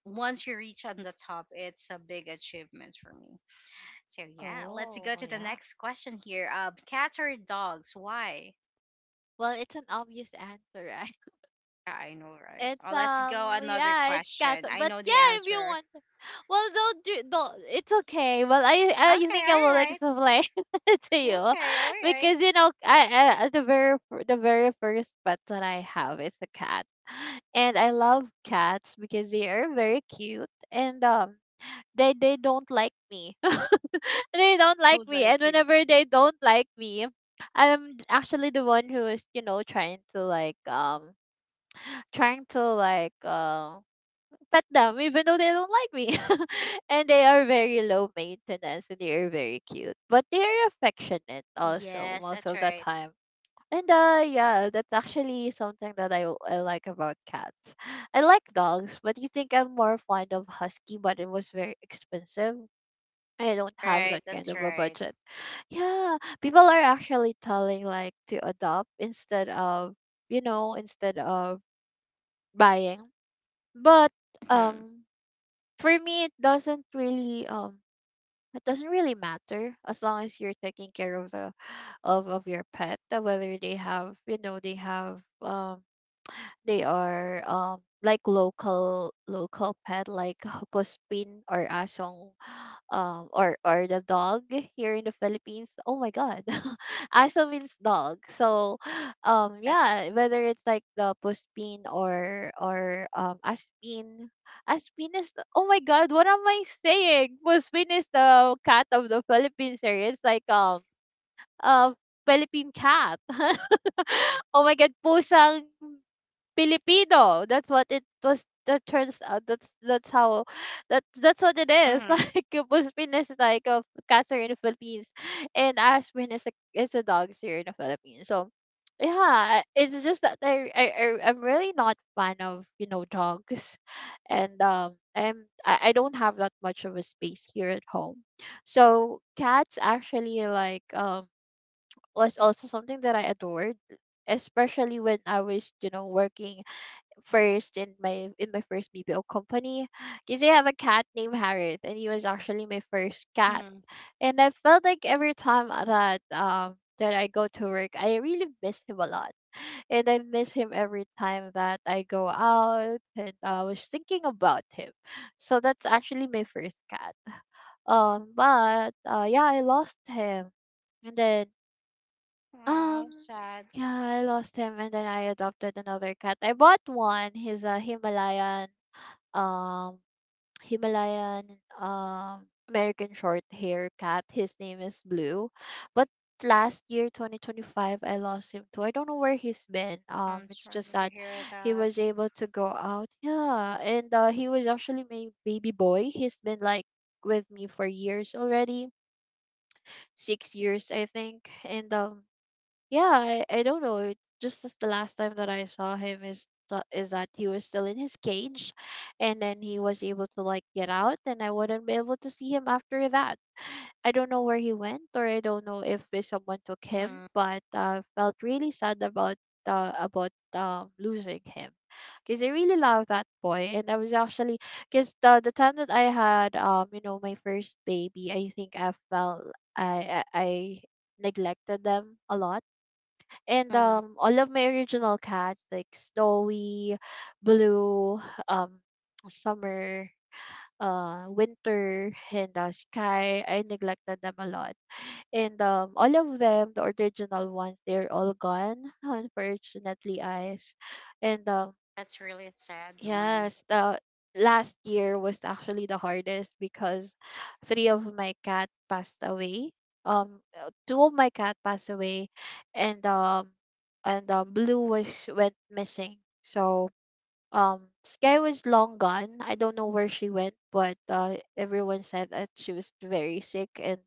[SPEAKER 1] once you reach on the top, it's a big achievement for me. So yeah, let's go
[SPEAKER 2] Oh,
[SPEAKER 1] to the
[SPEAKER 2] yeah.
[SPEAKER 1] next question here. Cats or dogs? Why?
[SPEAKER 2] Well, it's an obvious answer. <laughs>
[SPEAKER 1] Yeah, I know, right?
[SPEAKER 2] It's,
[SPEAKER 1] Let's go another
[SPEAKER 2] yeah, it's cat.
[SPEAKER 1] question. I
[SPEAKER 2] But
[SPEAKER 1] know the
[SPEAKER 2] yeah, if you
[SPEAKER 1] answer.
[SPEAKER 2] want, well, don't do don't. It's okay. Well, I
[SPEAKER 1] Okay,
[SPEAKER 2] think I
[SPEAKER 1] all
[SPEAKER 2] will
[SPEAKER 1] right.
[SPEAKER 2] explain <laughs> to you.
[SPEAKER 1] Okay, all right.
[SPEAKER 2] Because, I the very first pet that I have is a cat, and I love cats because they are very cute. And, they don't like me. <laughs> They don't like
[SPEAKER 1] Good
[SPEAKER 2] me, and
[SPEAKER 1] like you.
[SPEAKER 2] whenever they don't like me, I'm actually the one who is trying to like trying to like um pet them even though they don't like me. <laughs> And they are very low maintenance and they are very cute, but they are affectionate also
[SPEAKER 1] Yes,
[SPEAKER 2] most
[SPEAKER 1] that's
[SPEAKER 2] of the
[SPEAKER 1] right.
[SPEAKER 2] time. And yeah, that's actually something that I like about cats. I like dogs, but you think I'm more fond of husky, but it was very expensive. I don't have
[SPEAKER 1] Right,
[SPEAKER 2] that kind
[SPEAKER 1] that's
[SPEAKER 2] of a
[SPEAKER 1] right.
[SPEAKER 2] budget. Yeah, people are actually telling like to adopt instead of, instead of buying. But
[SPEAKER 1] Mhm.
[SPEAKER 2] um for me, it doesn't really matter as long as you're taking care of the <sighs> of your pet, whether they have they have they are like local pet like <laughs> Puspin or Asong or the dog here in the Philippines. Oh my god. <laughs> Asong means dog. So <sighs>
[SPEAKER 1] Yes.
[SPEAKER 2] yeah, whether it's like the Puspin or Aspin. Aspin is the- oh my god, what am I saying? Puspin is the cat of the Philippines here. It's like uh Philippine cat. <laughs> Oh my god, pusang Filipino. That's what it was. That turns out. That's how. That's what it is. <laughs>
[SPEAKER 1] Mm-hmm.
[SPEAKER 2] Like Puspin is like a cancer in the Philippines, and Aspin is a dog here in the Philippines. So yeah, it's just that I'm really not fan of dogs, and I don't have that much of a space here at home. So cats actually like was also something that I adored, especially when I was, you know, working first in my first BPO company. <gasps> Because I have a cat named Harriet and he was actually my first cat.
[SPEAKER 1] Mm-hmm.
[SPEAKER 2] And I felt like every time that that I go to work, I really miss him a lot. And I miss him every time that I go out and I was thinking about him. <gasps> So that's actually my first cat. But yeah, I lost him. And then
[SPEAKER 1] Wow,
[SPEAKER 2] um
[SPEAKER 1] sad.
[SPEAKER 2] yeah, I lost him and then I adopted another cat. I bought one. He's a Himalayan um American short hair cat. His name is Blue. But last year 2025 I lost him too. I don't know where he's been.
[SPEAKER 1] I'm
[SPEAKER 2] It's just
[SPEAKER 1] sorry to
[SPEAKER 2] that
[SPEAKER 1] hear
[SPEAKER 2] he
[SPEAKER 1] that.
[SPEAKER 2] was able to go out. Yeah. And he was actually my baby boy. He's been like with me for years already. 6 years I think. And yeah, I don't know. Just as the last time that I saw him is that he was still in his cage, and then he was able to like get out, and I wouldn't be able to see him after that. I don't know where he went, or I don't know if there's someone took him,
[SPEAKER 1] Mm-hmm.
[SPEAKER 2] but felt really sad about losing him, because I really love that boy, and I was actually because the time that I had my first baby, I think I felt I neglected them a lot and
[SPEAKER 1] Mm-hmm.
[SPEAKER 2] all of my original cats like Snowy, Blue, um Summer, Winter and Sky, I neglected them a lot and all of them, the original ones, they're all gone, unfortunately eyes. And
[SPEAKER 1] That's really a sad one.
[SPEAKER 2] Yes, the last year was actually the hardest because three of my cat passed away. Two of my cat passed away, and um, and Blue was went missing. So Sky was long gone. I don't know where she went, but everyone said that she was very sick, and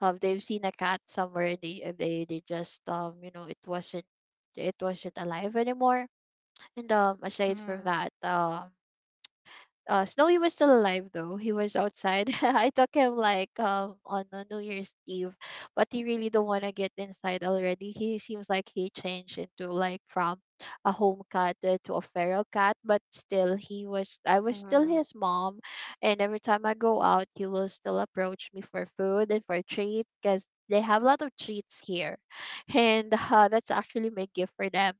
[SPEAKER 2] they've seen a cat somewhere. They just you know, it wasn't alive anymore. And aside from
[SPEAKER 1] Mm-hmm.
[SPEAKER 2] that, Snowy was still alive though. He was outside. <laughs> I took him like on a New Year's Eve, but he really don't want to get inside already. He seems like he changed into like from a home cat to a feral cat, but still he was I was still
[SPEAKER 1] Mm-hmm.
[SPEAKER 2] his mom, and every time I go out, he will still approach me for food and for treats because they have a lot of treats here, <laughs> and that's actually my gift for them.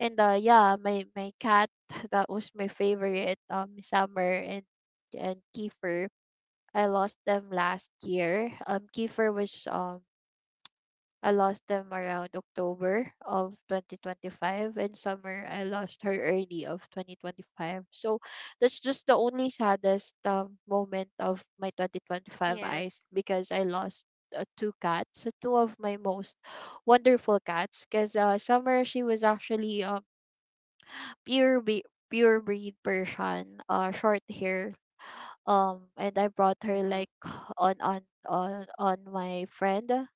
[SPEAKER 2] Yeah, my cat <laughs> that was my favorite, Summer and Kiefer. I lost them last year. Kiefer was I lost them around October of 2025, and Summer I lost her early of 2025. So that's just the only saddest moment of my 2025 eyes
[SPEAKER 1] Yes.
[SPEAKER 2] because I lost two cats, two of my most wonderful cats. Because Summer she was actually pure be- pure breed Persian, short hair. And I brought her
[SPEAKER 1] Mm-hmm.
[SPEAKER 2] like on on on my friend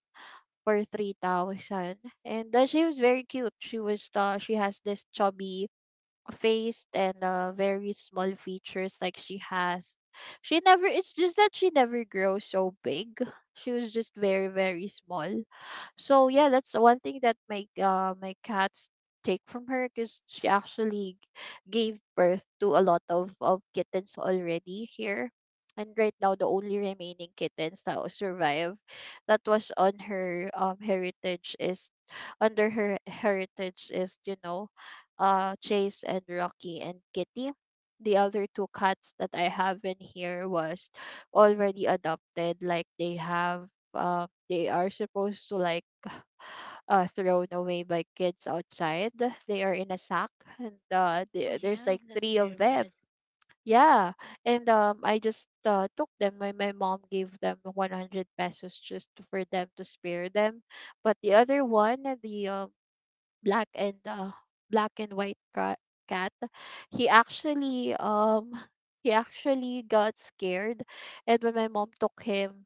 [SPEAKER 2] for 3,000, and she was very cute. She has this chubby face and very small features like she has. She never. It's just that she never grows so big. She was just very small. So yeah, that's one thing that my cats take from her because she actually gave birth to a lot of kittens already here. And right now, the only remaining kittens that will survive, that was on her heritage is, under her heritage is, Chase and Rocky and Kitty. The other two cats that I have in here was already adopted. Like they have they are supposed to like thrown away by kids outside. They are in a sack, and
[SPEAKER 1] Oh
[SPEAKER 2] there's
[SPEAKER 1] yeah,
[SPEAKER 2] like
[SPEAKER 1] that's
[SPEAKER 2] three of
[SPEAKER 1] really
[SPEAKER 2] them.
[SPEAKER 1] bad.
[SPEAKER 2] Yeah, and I just took them. My mom gave them 100 pesos just for them to spare them, but the other one, the black and black and white ca- cat, he actually um he actually got scared, and when my mom took him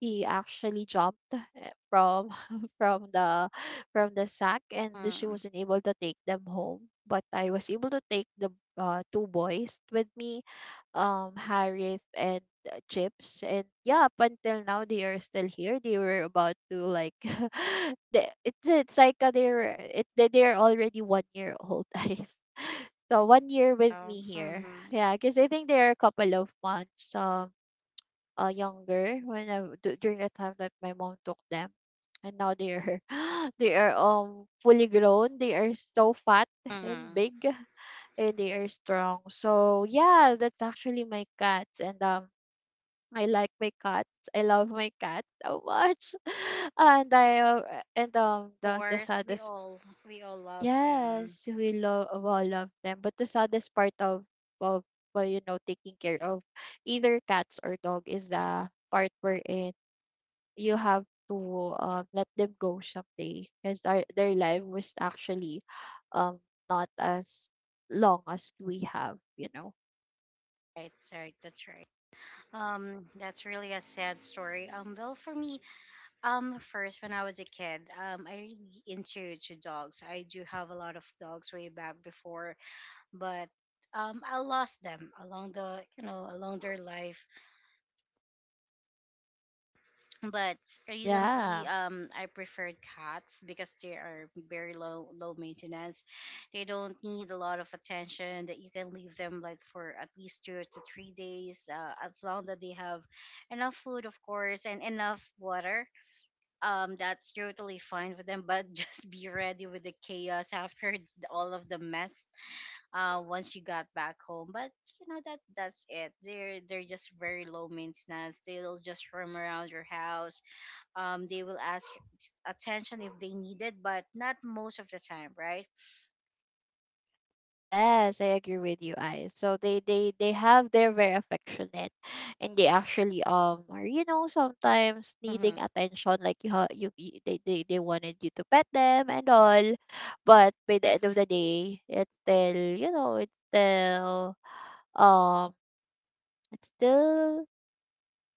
[SPEAKER 2] he actually jumped from <laughs> from the from the sack and she
[SPEAKER 1] Mm-hmm.
[SPEAKER 2] wasn't able to take them home, but I was able to take the two boys with me, Harith and Chips. And yeah, up until now they are still here. They were about to like <laughs> they, it's like they're it, they- they're already 1 year old, <laughs> guys. So 1 year with me here,
[SPEAKER 1] Mm-hmm.
[SPEAKER 2] yeah, because I think they're a couple of months younger when during the time that my mom took them, and now they are <gasps> they are fully grown. They are so fat <laughs> and
[SPEAKER 1] Mm-hmm. Of
[SPEAKER 2] big, and they are strong. So yeah, that's actually my cats. And I like my cats. I love my cat so much. <laughs> And I uh, and the
[SPEAKER 1] course,
[SPEAKER 2] saddest,
[SPEAKER 1] we all love them.
[SPEAKER 2] yes, we love all of them. But the saddest part of of well, you know, taking care of either cats or dog is the part wherein you have to let them go someday because their life was actually um not as long as we have, you know.
[SPEAKER 1] Right, right. That's really a sad story. Well, for me, first when I was a kid, I really into to dogs. I do have a lot of dogs way back before, but I lost them along the along their life. But recently,
[SPEAKER 2] Yeah.
[SPEAKER 1] I prefer cats because they are very low maintenance. They don't need a lot of attention, that you can leave them like for at least 2 to 3 days, as long that they have enough food, of course, and enough water. That's totally fine with them, but <laughs> just be ready with the chaos after <laughs> all of the mess, once you got back home. But you know, that that's it. They're just very low maintenance. They'll just roam around your house. They will ask attention if they need it, but not most of the time, right?
[SPEAKER 2] Yes, I agree with you, I. So they're very affectionate, and they actually are, you know, sometimes
[SPEAKER 1] Mm-hmm.
[SPEAKER 2] needing attention like you ha- you they wanted you to pet them and all, but by the end of
[SPEAKER 1] Yes.
[SPEAKER 2] the day it's still it's still um it's still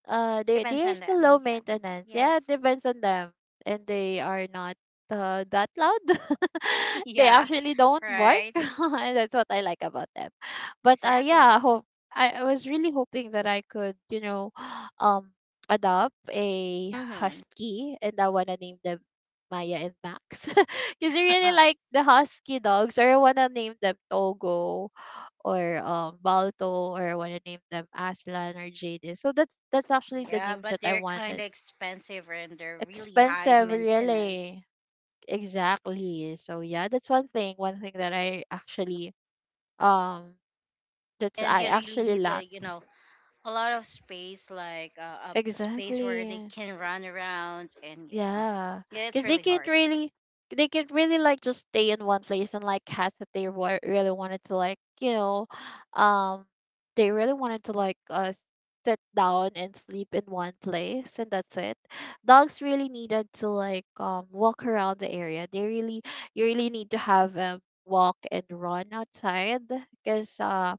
[SPEAKER 2] they
[SPEAKER 1] Depends
[SPEAKER 2] they're
[SPEAKER 1] on
[SPEAKER 2] still low
[SPEAKER 1] them. Yeah.
[SPEAKER 2] maintenance. Yeah, it
[SPEAKER 1] Yes.
[SPEAKER 2] depends on them, and they are not that loud. <laughs>
[SPEAKER 1] <laughs>
[SPEAKER 2] They
[SPEAKER 1] Yeah.
[SPEAKER 2] actually don't bark, <laughs>
[SPEAKER 1] Right.
[SPEAKER 2] and that's what I like about them. But
[SPEAKER 1] Exactly.
[SPEAKER 2] yeah, I hope I was really hoping that I could, you know, <gasps> um, adopt a
[SPEAKER 1] Mm-hmm.
[SPEAKER 2] husky, and I wanna name them Maya and Max, <laughs> because I really
[SPEAKER 1] <laughs>
[SPEAKER 2] like the husky dogs, or I wanna name them Togo or Balto, or I want to name them Aslan or Jadis. So that's actually the
[SPEAKER 1] Yeah,
[SPEAKER 2] names
[SPEAKER 1] but
[SPEAKER 2] that I
[SPEAKER 1] they're kind
[SPEAKER 2] wanted.
[SPEAKER 1] of expensive and they're really high
[SPEAKER 2] Expensive,
[SPEAKER 1] maintenance.
[SPEAKER 2] really. Exactly. So yeah, that's one thing. One thing that I actually um that's
[SPEAKER 1] And
[SPEAKER 2] I
[SPEAKER 1] you really
[SPEAKER 2] actually
[SPEAKER 1] need a
[SPEAKER 2] lack.
[SPEAKER 1] a lot of space, like a space where they
[SPEAKER 2] Exactly.
[SPEAKER 1] can run around, and yeah.
[SPEAKER 2] Yeah,
[SPEAKER 1] Yeah, it's
[SPEAKER 2] because
[SPEAKER 1] really hard.
[SPEAKER 2] they can't really like just stay in one place, and like cats that really wanted to like, you know, um, they really wanted to like sit down and sleep in one place and that's it. Dogs really needed to like walk around the area. They really, you really need to have them walk and run outside because uh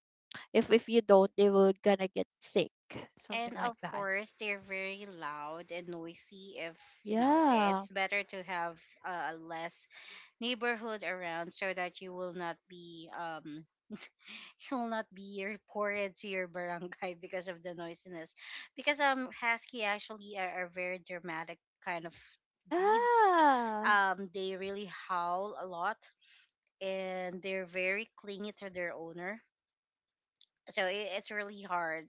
[SPEAKER 2] if if you don't, they will gonna get sick, something
[SPEAKER 1] And
[SPEAKER 2] like
[SPEAKER 1] of
[SPEAKER 2] that.
[SPEAKER 1] course they're very loud and noisy if, you know,
[SPEAKER 2] Yeah,
[SPEAKER 1] it's better to have a less neighborhood around so that you will not be <laughs> you will not be reported to your barangay <laughs> because of the noisiness, because husky actually are, very dramatic kind of breeds.
[SPEAKER 2] yeah.
[SPEAKER 1] They really howl a lot, and they're very clingy to their owner, so it's really hard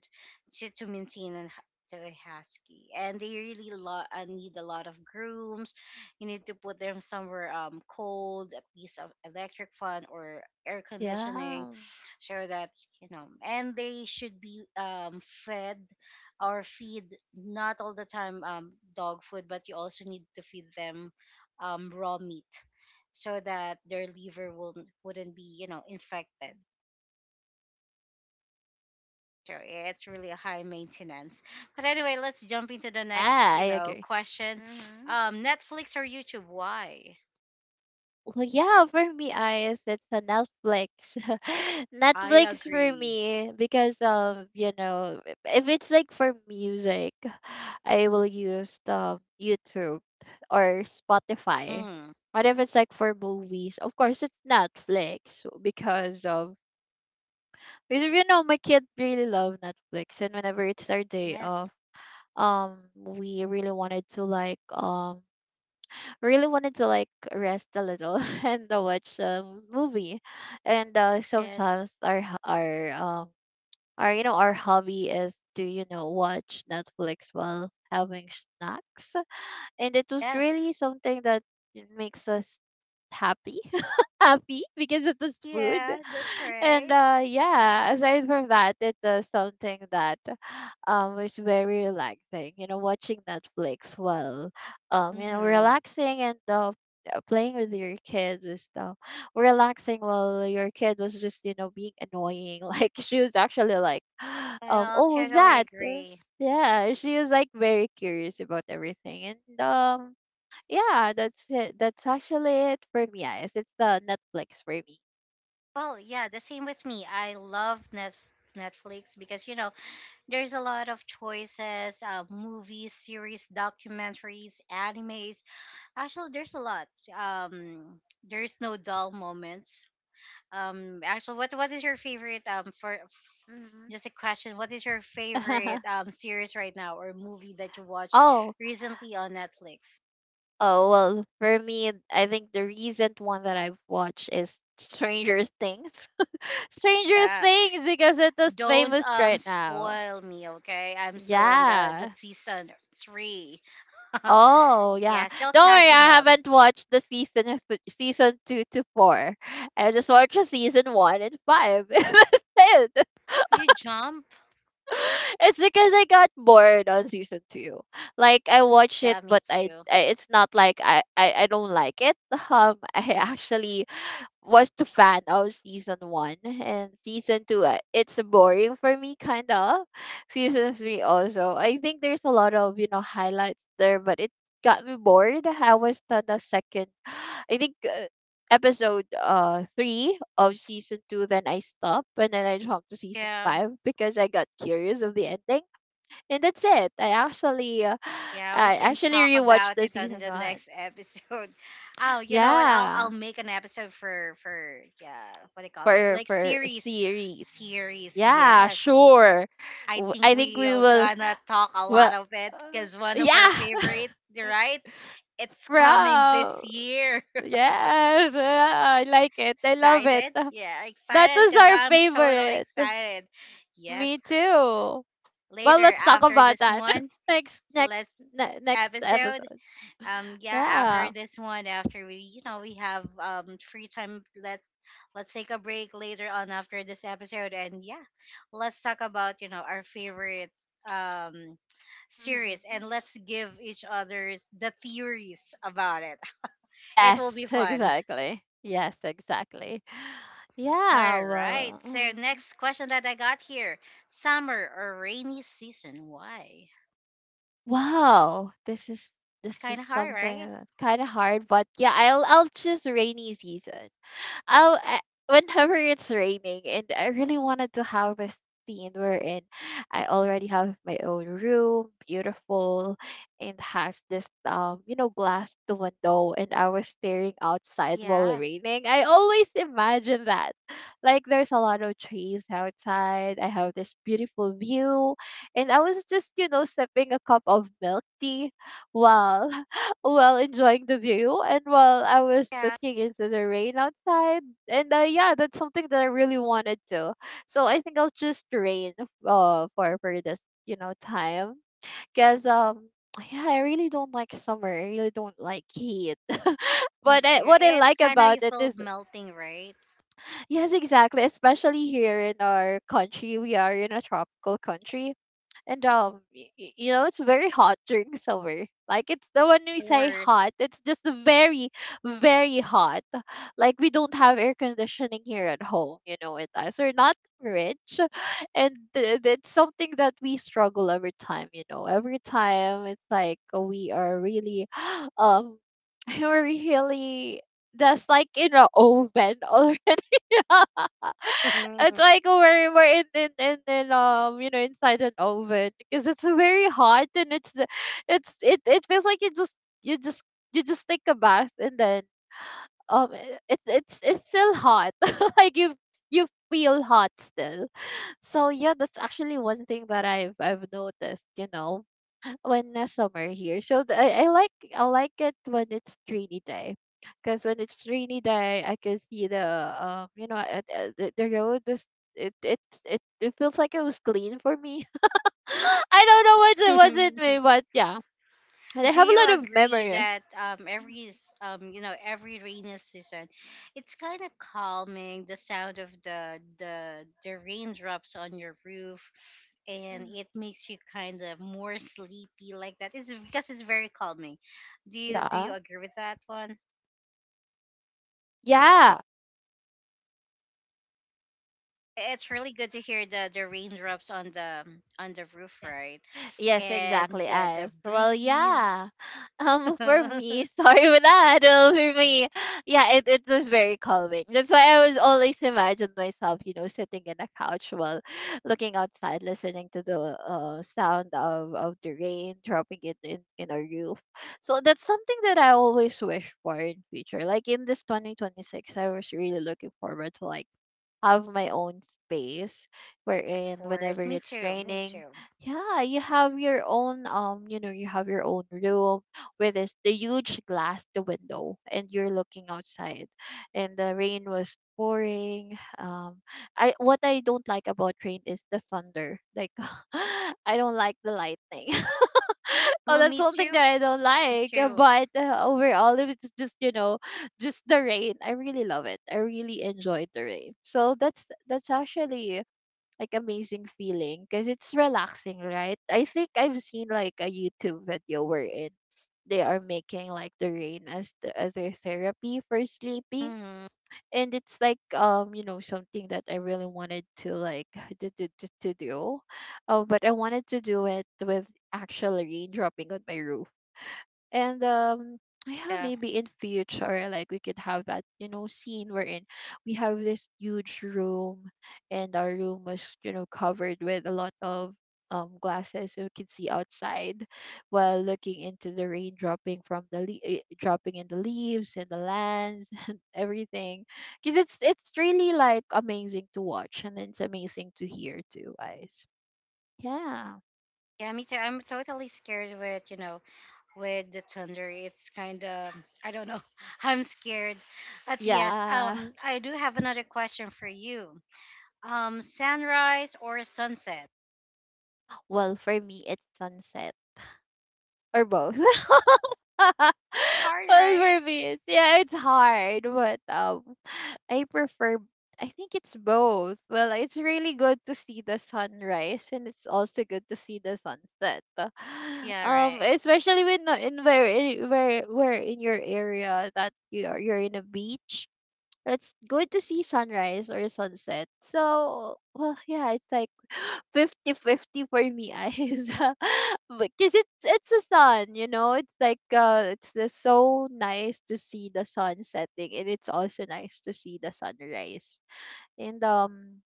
[SPEAKER 1] to, maintain and to a husky. And they really need a lot of grooms. You need to put them somewhere cold, a piece of electric fan or air conditioning,
[SPEAKER 2] Yeah.
[SPEAKER 1] so that, you know, and they should be fed or feed not all the time dog food, but you also need to feed them raw meat so that their liver will wouldn't be, you know, infected. So yeah, it's really a high maintenance. But anyway, let's jump into the next,
[SPEAKER 2] Yeah, I agree.
[SPEAKER 1] question.
[SPEAKER 2] Mm-hmm.
[SPEAKER 1] Netflix or YouTube? Why?
[SPEAKER 2] Well, yeah, for me, eyes, it's a Netflix. <laughs>
[SPEAKER 1] I
[SPEAKER 2] Netflix for
[SPEAKER 1] agree.
[SPEAKER 2] me because you know, if it's like for music, I will use YouTube or Spotify.
[SPEAKER 1] Mm.
[SPEAKER 2] But if it's like for movies, of course it's Netflix because you know my kid really love Netflix, and whenever it's our day
[SPEAKER 1] Yes,
[SPEAKER 2] off, we really wanted to like really wanted to like rest a little <laughs> and watch a movie. And
[SPEAKER 1] yes,
[SPEAKER 2] sometimes our you know our hobby is to you know watch Netflix while having snacks, and it was
[SPEAKER 1] yes.
[SPEAKER 2] really something that makes us happy <laughs> happy because it was food.
[SPEAKER 1] Yeah, that's
[SPEAKER 2] And
[SPEAKER 1] right.
[SPEAKER 2] yeah, aside from that, it was something that was very relaxing, you know, watching Netflix while you know
[SPEAKER 1] Mm-hmm.
[SPEAKER 2] relaxing, and playing with your kids and stuff, relaxing while your kid was just you know being annoying <laughs> like she was actually like <gasps>
[SPEAKER 1] Well,
[SPEAKER 2] oh, who's
[SPEAKER 1] totally
[SPEAKER 2] that.
[SPEAKER 1] agree.
[SPEAKER 2] Yeah, she is like very curious about everything. And yeah, that's it. That's actually it for me, guys. It's the Netflix for me.
[SPEAKER 1] Well, yeah, the same with me. I love Net Netflix because, you know, there's a lot of choices, movies, series, documentaries, animes. Actually, there's a lot. Um, there's no dull moments. Actually, what is your favorite? For
[SPEAKER 2] Hmm.
[SPEAKER 1] just a question, what is your favorite
[SPEAKER 2] <laughs>
[SPEAKER 1] series right now or movie that you watched
[SPEAKER 2] Oh.
[SPEAKER 1] recently on Netflix?
[SPEAKER 2] Oh well, for me, I think the recent one that I've watched is Stranger Things. <laughs> Stranger
[SPEAKER 1] Yeah,
[SPEAKER 2] Things because it is
[SPEAKER 1] don't
[SPEAKER 2] famous right now.
[SPEAKER 1] spoil me, okay? I'm still on the
[SPEAKER 2] Yeah.
[SPEAKER 1] season three. <laughs>
[SPEAKER 2] Oh yeah,
[SPEAKER 1] Yeah, still
[SPEAKER 2] don't worry.
[SPEAKER 1] catching
[SPEAKER 2] I
[SPEAKER 1] up.
[SPEAKER 2] haven't watched the season of th- season two to four. I just watched the season one and five. <laughs> That's it. <laughs>
[SPEAKER 1] You jump?
[SPEAKER 2] It's because I got bored on season two. Like I watch it,
[SPEAKER 1] Yeah, me
[SPEAKER 2] but I,
[SPEAKER 1] too.
[SPEAKER 2] I it's not like I don't like it. <laughs> I actually was the fan of season one and season two. It's boring for me kind of. Season three also, I think there's a lot of you know highlights there, but it got me bored. I was on the second <sighs> I think episode three of season two, then I stopped and then I jumped to season
[SPEAKER 1] Yeah.
[SPEAKER 2] five because I got curious of the ending. And that's it. I actually
[SPEAKER 1] Yeah, we
[SPEAKER 2] I
[SPEAKER 1] can
[SPEAKER 2] actually
[SPEAKER 1] talk
[SPEAKER 2] rewatched
[SPEAKER 1] about
[SPEAKER 2] the
[SPEAKER 1] it on
[SPEAKER 2] season
[SPEAKER 1] the
[SPEAKER 2] one.
[SPEAKER 1] next episode. <laughs> Oh, you know what? I'll
[SPEAKER 2] Yeah,
[SPEAKER 1] make an episode for yeah, what do you call it?
[SPEAKER 2] for
[SPEAKER 1] Like series,
[SPEAKER 2] series.
[SPEAKER 1] series.
[SPEAKER 2] Yeah,
[SPEAKER 1] Yes,
[SPEAKER 2] sure.
[SPEAKER 1] I think
[SPEAKER 2] I think we
[SPEAKER 1] we'll
[SPEAKER 2] will.
[SPEAKER 1] gonna talk a
[SPEAKER 2] Well,
[SPEAKER 1] lot of it
[SPEAKER 2] uh,
[SPEAKER 1] because one of
[SPEAKER 2] yeah,
[SPEAKER 1] our favorites,
[SPEAKER 2] <laughs>
[SPEAKER 1] right? It's coming this
[SPEAKER 2] Wow.
[SPEAKER 1] year. <laughs>
[SPEAKER 2] Yes, yeah, I like it. I love it.
[SPEAKER 1] Excited?
[SPEAKER 2] <laughs>
[SPEAKER 1] Yeah,
[SPEAKER 2] That
[SPEAKER 1] excited
[SPEAKER 2] was
[SPEAKER 1] because
[SPEAKER 2] our
[SPEAKER 1] I'm totally
[SPEAKER 2] favorite.
[SPEAKER 1] excited.
[SPEAKER 2] Me
[SPEAKER 1] Yes.
[SPEAKER 2] too. Well,
[SPEAKER 1] Later
[SPEAKER 2] let's talk
[SPEAKER 1] after
[SPEAKER 2] about
[SPEAKER 1] this
[SPEAKER 2] that
[SPEAKER 1] one,
[SPEAKER 2] <laughs> next next
[SPEAKER 1] let's
[SPEAKER 2] next
[SPEAKER 1] episode.
[SPEAKER 2] episode.
[SPEAKER 1] Yeah, after
[SPEAKER 2] Yeah.
[SPEAKER 1] this one, after we, you know, we have free time, let's take a break later on after this episode. And yeah, let's talk about, you know, our favorite um series,
[SPEAKER 2] Hmm.
[SPEAKER 1] and let's give each other's the theories about it. <laughs> It will be
[SPEAKER 2] Yes, <laughs>
[SPEAKER 1] fun.
[SPEAKER 2] exactly. Yes, exactly. <sighs> Yeah.
[SPEAKER 1] All right,
[SPEAKER 2] Well.
[SPEAKER 1] so next question that I got here, summer or rainy season? Why? It's
[SPEAKER 2] Wow, this is this
[SPEAKER 1] kind
[SPEAKER 2] is
[SPEAKER 1] of hard,
[SPEAKER 2] something
[SPEAKER 1] right?
[SPEAKER 2] that's kind of hard, but yeah, I'll choose rainy season. Oh, I, whenever it's raining, and I really wanted to have a scene wherein I already have my own room, beautiful, and has this you know, glass to window, and I was staring outside while
[SPEAKER 1] Yeah.
[SPEAKER 2] raining. I always imagine that. Like there's a lot of trees outside. I have this beautiful view, and I was just you know sipping a cup of milk tea while while enjoying the view, and while I was
[SPEAKER 1] Yeah,
[SPEAKER 2] looking into the rain outside. And yeah, that's something that I really wanted to. So I think I'll just rain for this you know time, because <sighs> <tsk> yeah, I really don't like summer. I really don't like heat. <laughs>
[SPEAKER 1] me
[SPEAKER 2] But I,
[SPEAKER 1] too.
[SPEAKER 2] what I
[SPEAKER 1] It's
[SPEAKER 2] like
[SPEAKER 1] kind of,
[SPEAKER 2] about
[SPEAKER 1] you
[SPEAKER 2] it
[SPEAKER 1] feel
[SPEAKER 2] is
[SPEAKER 1] melting, right?
[SPEAKER 2] yes, exactly, especially here in our country, we are in a tropical country. And you know, it's very hot during <laughs> summer. Like it's the when we
[SPEAKER 1] Of
[SPEAKER 2] say
[SPEAKER 1] course.
[SPEAKER 2] hot, it's just very, very hot. Like we don't have air conditioning here at home. You know it as we're not rich. <sighs> <laughs> And that's something that we struggle every time. You know, every time it's like we are really, <gasps> um, <laughs> we're really just like in a oven already. <laughs> It's
[SPEAKER 1] <laughs>
[SPEAKER 2] like we're in you know inside an oven because it's very hot. And it's the it feels like you just you just you just take a bath, and then it, it's still hot <laughs> like you feel hot still. So yeah, that's actually one thing that I've noticed. You know, when summer here. So the, I like it when it's rainy day, because when it's rainy day, I can see the you know the road is it it it feels like it was clean for me. <laughs> I don't know what's it was
[SPEAKER 1] Do
[SPEAKER 2] in me, but yeah, and I have a
[SPEAKER 1] you
[SPEAKER 2] lot of
[SPEAKER 1] agree
[SPEAKER 2] memory.
[SPEAKER 1] that
[SPEAKER 2] Mhm,
[SPEAKER 1] every you know, every rainy season, it's kind of calming, the sound of the raindrops on your roof, and
[SPEAKER 2] mhm.
[SPEAKER 1] it makes you kind of more sleepy like that. It's because it's very calming. Do you
[SPEAKER 2] Yeah,
[SPEAKER 1] agree with that one?
[SPEAKER 2] yeah.
[SPEAKER 1] It's really good to hear the raindrops on the roof,
[SPEAKER 2] Yes.
[SPEAKER 1] right?
[SPEAKER 2] Yes,
[SPEAKER 1] And
[SPEAKER 2] exactly,
[SPEAKER 1] the
[SPEAKER 2] Ice. Well,
[SPEAKER 1] breeze.
[SPEAKER 2] yeah.
[SPEAKER 1] <laughs>
[SPEAKER 2] For me, <laughs> sorry for that. Well, for me, yeah, it was very calming. That's why I was always imagine myself, you know, sitting in a couch while looking outside, listening to the sound of the rain dropping it in our roof. So that's something that I always wish for in future. Like in this 2026, I was really looking forward to like have my own space
[SPEAKER 1] Of
[SPEAKER 2] wherein whenever
[SPEAKER 1] course, me
[SPEAKER 2] it's
[SPEAKER 1] too, me
[SPEAKER 2] raining,
[SPEAKER 1] too.
[SPEAKER 2] yeah, you have your own you know, you have your own room with this the huge glass the window, and you're looking outside, and the rain was pouring. I, what I don't like about rain is the thunder. Like <laughs> I don't like the lightning. <laughs> Oh,
[SPEAKER 1] Well,
[SPEAKER 2] that's
[SPEAKER 1] me
[SPEAKER 2] one thing
[SPEAKER 1] too.
[SPEAKER 2] that I don't
[SPEAKER 1] Me
[SPEAKER 2] like.
[SPEAKER 1] too.
[SPEAKER 2] But overall, it was just you know, just the rain. I really love it. I really enjoyed the rain. So that's actually like amazing feeling because it's relaxing, right? I think I've seen like a YouTube video wherein they are making like the rain as the other therapy for sleeping.
[SPEAKER 1] Hmm.
[SPEAKER 2] And it's like you know something that I really wanted to like <laughs> to do, but I wanted to do it with actual rain dropping on my roof. And yeah,
[SPEAKER 1] Yeah.
[SPEAKER 2] maybe in future, like we could have that, you know, scene wherein we have this huge room, and our room was, you know, covered with a lot of glasses so we could see outside while looking into the rain dropping from the dropping in the leaves and the lands <laughs> and everything, because it's really like amazing to watch, and it's amazing to hear too, guys. Yeah.
[SPEAKER 1] Yeah, me too. I'm totally scared with, you know, with the thunder. It's kind of, I don't know. <laughs> I'm scared. But yes,
[SPEAKER 2] Yeah,
[SPEAKER 1] I do have another question for you. Sunrise or sunset?
[SPEAKER 2] well, for me, it's sunset. Or both. <laughs> Well,
[SPEAKER 1] Hard, right?
[SPEAKER 2] for me, it's, yeah, it's hard, but I prefer. I think it's both. Well, it's really good to see the sunrise, and it's also good to see the sunset. <sighs> <laughs>
[SPEAKER 1] Yeah, right.
[SPEAKER 2] Especially when no- in where in your area that you are, you're in a beach, it's good to see sunrise or sunset. So, well, yeah, it's like <gasps> fifty-fifty for me, eyes. <laughs> Because it's the sun, you know. It's like it's just so nice to see the sun setting, and it's also nice to see the sunrise. And um,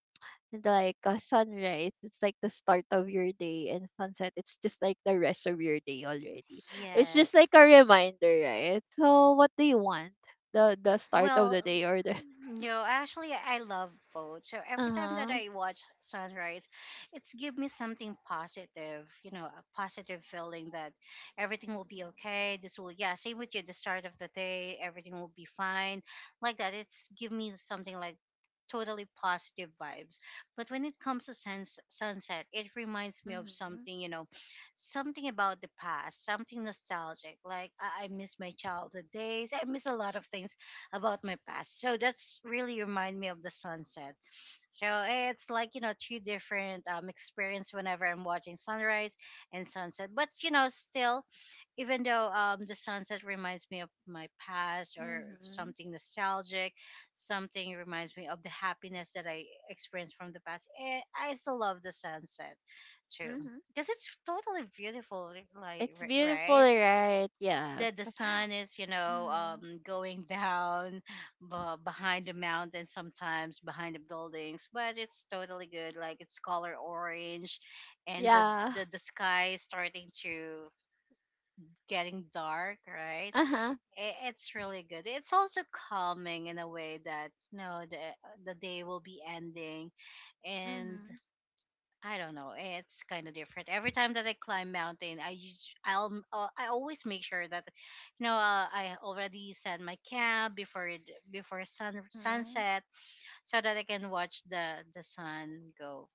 [SPEAKER 2] and like sunrise, it's like the start of your day, and sunset, it's just like the rest of your day already. It's just
[SPEAKER 1] Yes.
[SPEAKER 2] like a reminder, right? So, what do you want? The start of
[SPEAKER 1] Well,
[SPEAKER 2] the day or the
[SPEAKER 1] no, actually, I love both. So every time that
[SPEAKER 2] Uh-huh.
[SPEAKER 1] I watch sunrise, it's give me something positive, you know, a positive feeling that everything will be okay. This will, yeah, same with you. The start of the day, everything will be fine, like that. It's give me something like totally positive vibes. But when it comes to suns sunset, it reminds me of
[SPEAKER 2] Mm-hmm.
[SPEAKER 1] something, you know, something about the past, something nostalgic. Like I miss my childhood days. I miss a lot of things about my past. So that's really remind me of the sunset. So it's like, you know, two different experience whenever I'm watching sunrise and sunset. But you know, still, even though the sunset reminds me of my past or
[SPEAKER 2] Mm-hmm.
[SPEAKER 1] something nostalgic, something reminds me of the happiness that I experienced from the past. Eh, I still love the sunset too.
[SPEAKER 2] Mm-hmm.
[SPEAKER 1] Because it's totally beautiful, like
[SPEAKER 2] It's beautiful,
[SPEAKER 1] right?
[SPEAKER 2] right? Yes.
[SPEAKER 1] That the sun is, you know,
[SPEAKER 2] Mm-hmm.
[SPEAKER 1] going <laughs> down behind the mountain, sometimes behind the buildings, but it's totally good. Like it's color orange, and the
[SPEAKER 2] Yeah.
[SPEAKER 1] the,
[SPEAKER 2] <laughs>
[SPEAKER 1] the sky is starting to getting dark, right?
[SPEAKER 2] Uh-huh.
[SPEAKER 1] It's really good. It's also calming in a way that no, know the day will be ending. And
[SPEAKER 2] Mm-hmm.
[SPEAKER 1] I don't know. It's kind of different. Every time that I climb mountain, I'll I always make sure that, you know, I already set my camp before it, before sun
[SPEAKER 2] Mm-hmm.
[SPEAKER 1] sunset, so that I can watch the sun go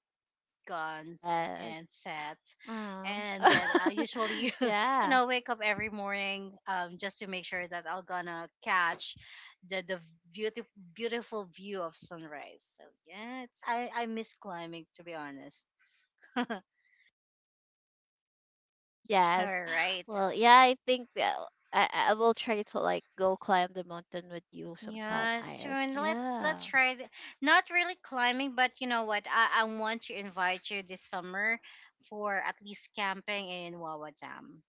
[SPEAKER 1] gone
[SPEAKER 2] Yes.
[SPEAKER 1] and set.
[SPEAKER 2] Uh.
[SPEAKER 1] And then I
[SPEAKER 2] <laughs>
[SPEAKER 1] usually, <laughs> you
[SPEAKER 2] Yeah.
[SPEAKER 1] know, wake up every morning just to make sure that I'm gonna catch the beautiful view of sunrise. So yeah, it's I miss climbing, to be honest. <laughs> All
[SPEAKER 2] Yes.
[SPEAKER 1] right.
[SPEAKER 2] Well, yeah, I think that I will try to like go climb the mountain with you sometime,
[SPEAKER 1] Yeah,
[SPEAKER 2] I guess.
[SPEAKER 1] soon let's
[SPEAKER 2] Yeah.
[SPEAKER 1] try not really climbing, but you know what? I want to invite you this summer for at least camping in Wawa Dam.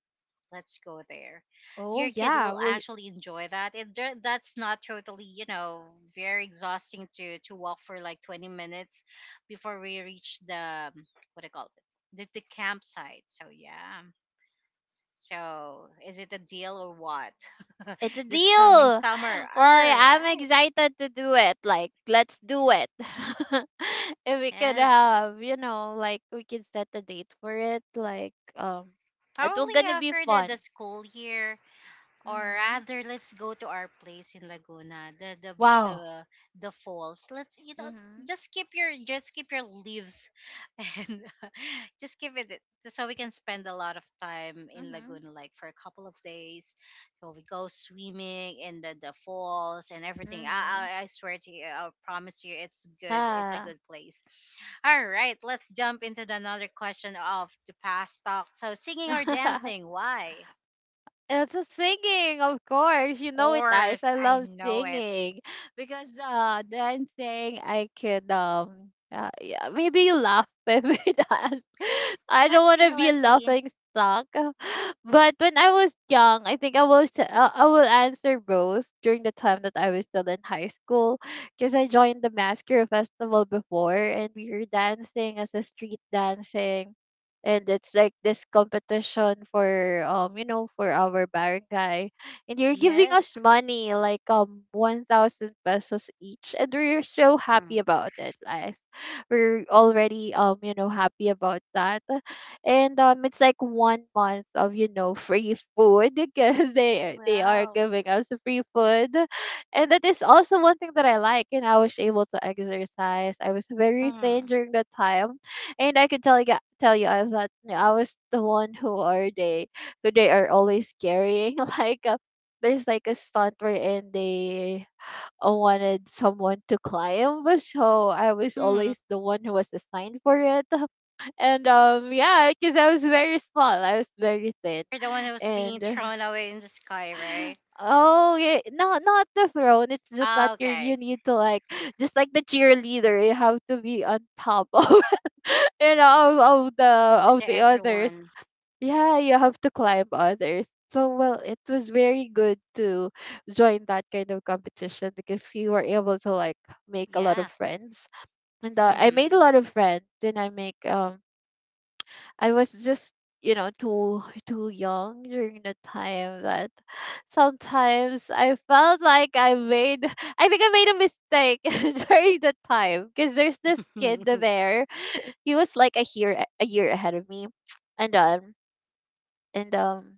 [SPEAKER 1] Let's go there.
[SPEAKER 2] Oh
[SPEAKER 1] Your kid
[SPEAKER 2] yeah, I
[SPEAKER 1] will
[SPEAKER 2] will.
[SPEAKER 1] actually enjoy that. It that's not totally, you know, very exhausting to walk for like 20 minutes before we reach the what do you call it? The campsite. So yeah. So, is it a deal or what? <laughs>
[SPEAKER 2] It's a
[SPEAKER 1] This coming
[SPEAKER 2] deal.
[SPEAKER 1] summer.
[SPEAKER 2] <laughs> Well,
[SPEAKER 1] All
[SPEAKER 2] yeah, I'm
[SPEAKER 1] right.
[SPEAKER 2] excited to do it. Like, let's do it. <laughs> If we could
[SPEAKER 1] Yes.
[SPEAKER 2] have, you know, like we can set a date for it. Like, it will
[SPEAKER 1] Probably
[SPEAKER 2] gonna be
[SPEAKER 1] after the
[SPEAKER 2] fun.
[SPEAKER 1] school year, or
[SPEAKER 2] Mhm.
[SPEAKER 1] rather let's go to our place in Laguna,
[SPEAKER 2] Wow.
[SPEAKER 1] the, the falls. Let's, you know,
[SPEAKER 2] Mhm.
[SPEAKER 1] just keep your leaves <laughs> and <laughs> just keep it, so we can spend a lot of time in
[SPEAKER 2] Mhm.
[SPEAKER 1] Laguna like for a couple of days, so we go swimming in the falls and everything.
[SPEAKER 2] Mhm.
[SPEAKER 1] I swear to you, I promise you, it's good. It's a
[SPEAKER 2] Ah.
[SPEAKER 1] good place. All right, let's jump into the another question of the past talk. So, singing or
[SPEAKER 2] <laughs>
[SPEAKER 1] dancing? Why?
[SPEAKER 2] It's a singing, of course. You know it, guys.
[SPEAKER 1] Course,
[SPEAKER 2] I
[SPEAKER 1] I
[SPEAKER 2] love
[SPEAKER 1] know it.
[SPEAKER 2] singing because dancing, I could yeah, maybe you laugh with me <laughs> dance. I don't
[SPEAKER 1] Let's
[SPEAKER 2] want
[SPEAKER 1] see,
[SPEAKER 2] to be a
[SPEAKER 1] let's see.
[SPEAKER 2] laughing stock. <laughs> But when I was young, I think I was I will answer both during the time that I was still in high school, because I joined the Masquerade Festival before, and we were dancing as a street dancing. And it's like this competition for you know for our barangay, and you're giving
[SPEAKER 1] Yes.
[SPEAKER 2] us money like 1,000 pesos each, and we're so
[SPEAKER 1] Mm.
[SPEAKER 2] happy about it, guys. We're already you know happy about that. And it's like one month of you know free food <laughs> because they are
[SPEAKER 1] Well,
[SPEAKER 2] giving us free food. And that is also one thing that I like, and I was able to exercise. I was very thin
[SPEAKER 1] mm.
[SPEAKER 2] during the time. And I could tell you, tell you, I was that I was the one who are they, who they are always carrying. <laughs> Like there's like a stunt wherein they wanted someone to climb, so I was
[SPEAKER 1] Hmm.
[SPEAKER 2] always the one who was assigned for it. <laughs> And yeah, because I was very small, I was very thin,
[SPEAKER 1] You're the one who's being
[SPEAKER 2] and
[SPEAKER 1] thrown away in the sky, right?
[SPEAKER 2] Oh, yeah. No, not the throne. It's just that
[SPEAKER 1] Ah,
[SPEAKER 2] you
[SPEAKER 1] okay.
[SPEAKER 2] you need to like <sighs> just like the cheerleader, you have to be on top of <laughs> you know
[SPEAKER 1] Pop to
[SPEAKER 2] of the others.
[SPEAKER 1] everyone.
[SPEAKER 2] Yeah, you have to climb others. So well, it was very good to join that kind of competition because you were able to like make a lot
[SPEAKER 1] Yeah.
[SPEAKER 2] of friends, and I made a
[SPEAKER 1] Mm-hmm.
[SPEAKER 2] lot of friends, and I was just, too young during the time that sometimes I felt like I made <laughs> I think I made a mistake <laughs> during the time because there's this kid
[SPEAKER 1] <laughs>
[SPEAKER 2] there. He was like a year ahead of me. And um and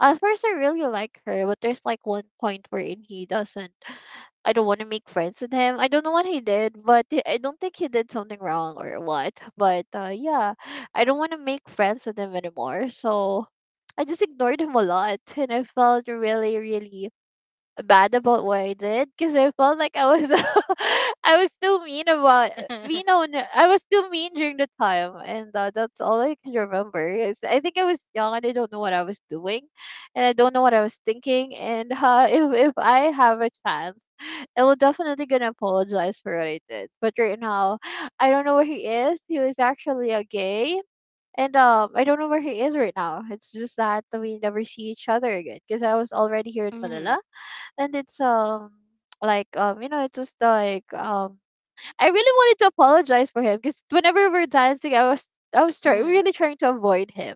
[SPEAKER 2] At first I really like her, but there's like one point wherein he doesn't I don't want to make friends with him. I don't know what he did, but I don't think he did something wrong or what. But yeah, I don't want to make friends with him anymore. So I just ignored him a lot, and I felt really, really bad about what I did because I felt like I was <laughs> I was too mean about
[SPEAKER 1] mm-hmm.
[SPEAKER 2] mean on I was too mean during the time, and that's all I can remember is I think I was young and I don't know what I was doing and I don't know what I was thinking and <laughs> if I have a chance I will definitely gonna apologize for what I did, but right now I don't know where he is. He was actually a gay. And I don't know where he is right now. It's just that we never see each other again because I was already here in
[SPEAKER 1] Mm-hmm.
[SPEAKER 2] Manila, and it's like you know it was like I really wanted to apologize for him because whenever we were dancing, really trying to avoid him.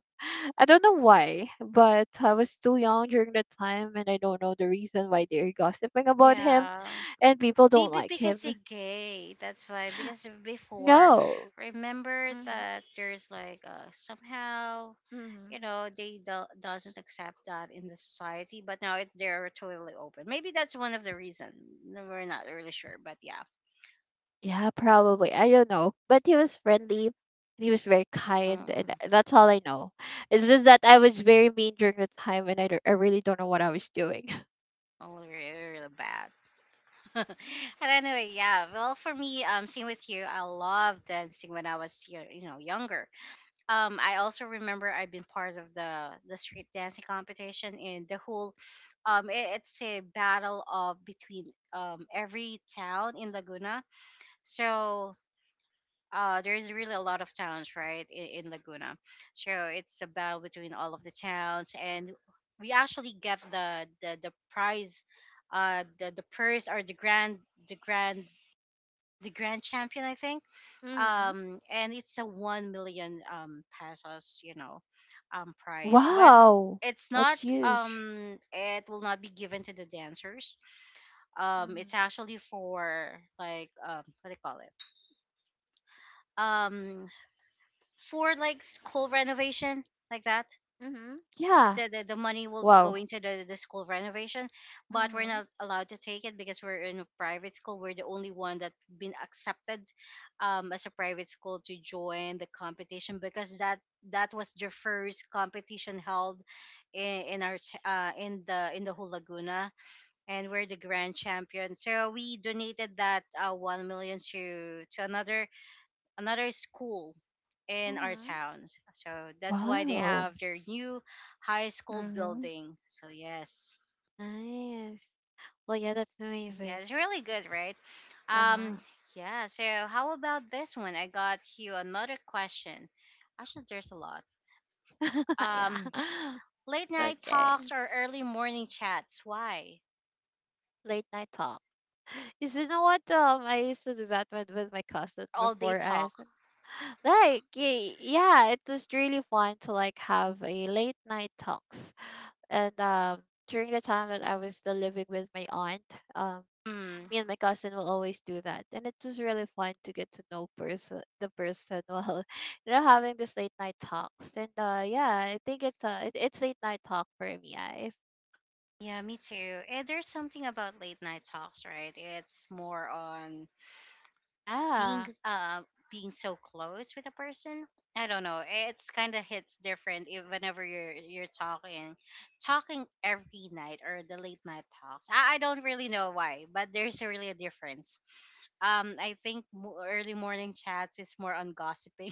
[SPEAKER 2] I don't know why, but I was too young during that time, and I don't know the reason why they're gossiping about him
[SPEAKER 1] Yeah.
[SPEAKER 2] and people don't
[SPEAKER 1] Maybe
[SPEAKER 2] like him.
[SPEAKER 1] because he gay. That's why. Because before,
[SPEAKER 2] No.
[SPEAKER 1] remember that there's like somehow,
[SPEAKER 2] Mm-hmm.
[SPEAKER 1] you know, they doesn't accept that in the society. But now it's they're totally open. Maybe that's one of the reason. No, we're not really sure, but yeah.
[SPEAKER 2] Yeah, probably. I don't know. But he was friendly. He was very kind, and
[SPEAKER 1] Mm.
[SPEAKER 2] that's all I know. It's just that I was very mean during the time, and I really don't know what I was doing. <laughs>
[SPEAKER 1] Oh, really, really bad. <laughs> And anyway, yeah. Well, for me, same with you. I loved dancing when I was, you know, younger. I also remember I've been part of the street dancing competition, and the whole it's a battle of between every town in Laguna. So there is really a lot of towns, right? In Laguna. So it's a battle between all of the towns, and we actually get the prize, the purse or the grand the grand champion, I think.
[SPEAKER 2] Mm-hmm.
[SPEAKER 1] And it's a 1 million pesos, you know, prize. But
[SPEAKER 2] Wow,
[SPEAKER 1] it's not
[SPEAKER 2] that's huge.
[SPEAKER 1] it will not be given to the dancers. It's
[SPEAKER 2] Mm-hmm.
[SPEAKER 1] actually for like, what do you call it, um for like school renovation, like that.
[SPEAKER 2] Mm-hmm. Yeah.
[SPEAKER 1] The, the money will be
[SPEAKER 2] Wow.
[SPEAKER 1] going to the school renovation. But we're
[SPEAKER 2] Mm-hmm.
[SPEAKER 1] not allowed to take it because we're in a private school. We're the only one that been accepted as a private school to join the competition, because that that was the first competition held in our in the whole Laguna. And we're the grand champion, so we donated that 1 million to another another school in our
[SPEAKER 2] Mm-hmm.
[SPEAKER 1] town. So that's why they
[SPEAKER 2] Wow.
[SPEAKER 1] have their new high school
[SPEAKER 2] Mm-hmm.
[SPEAKER 1] building. So yes.
[SPEAKER 2] Nice. Well, yeah, that's
[SPEAKER 1] Yeah,
[SPEAKER 2] amazing.
[SPEAKER 1] it's really good, right? Um
[SPEAKER 2] Uh-huh.
[SPEAKER 1] yeah, so how about this one? I got you another question. Actually, there's a lot.
[SPEAKER 2] <laughs> Yeah.
[SPEAKER 1] Um
[SPEAKER 2] <laughs>
[SPEAKER 1] late
[SPEAKER 2] It's
[SPEAKER 1] night
[SPEAKER 2] okay.
[SPEAKER 1] talks or early morning chats? Why?
[SPEAKER 2] Late night talk. <laughs> You know what? I used to do that with my cousin
[SPEAKER 1] All day
[SPEAKER 2] before
[SPEAKER 1] talk.
[SPEAKER 2] us. Like, yeah, it was really fun to like have a late night talks. And During the time that I was still living with my aunt, um,
[SPEAKER 1] Hmm.
[SPEAKER 2] me and my cousin will always do that, and it was really fun to get to know person the person <laughs> while having this late night talks. And Yeah, I think it's late night talk for me. I
[SPEAKER 1] Yeah, me too. Eh, there's something about late night talks, right? It's more on being
[SPEAKER 2] yeah,
[SPEAKER 1] being so close with a person. I don't know. It's kind of hits different if, whenever you're talking talking every night, or the late night talks. I don't really know why, but there's a really a difference. I think early morning chats is more on gossiping,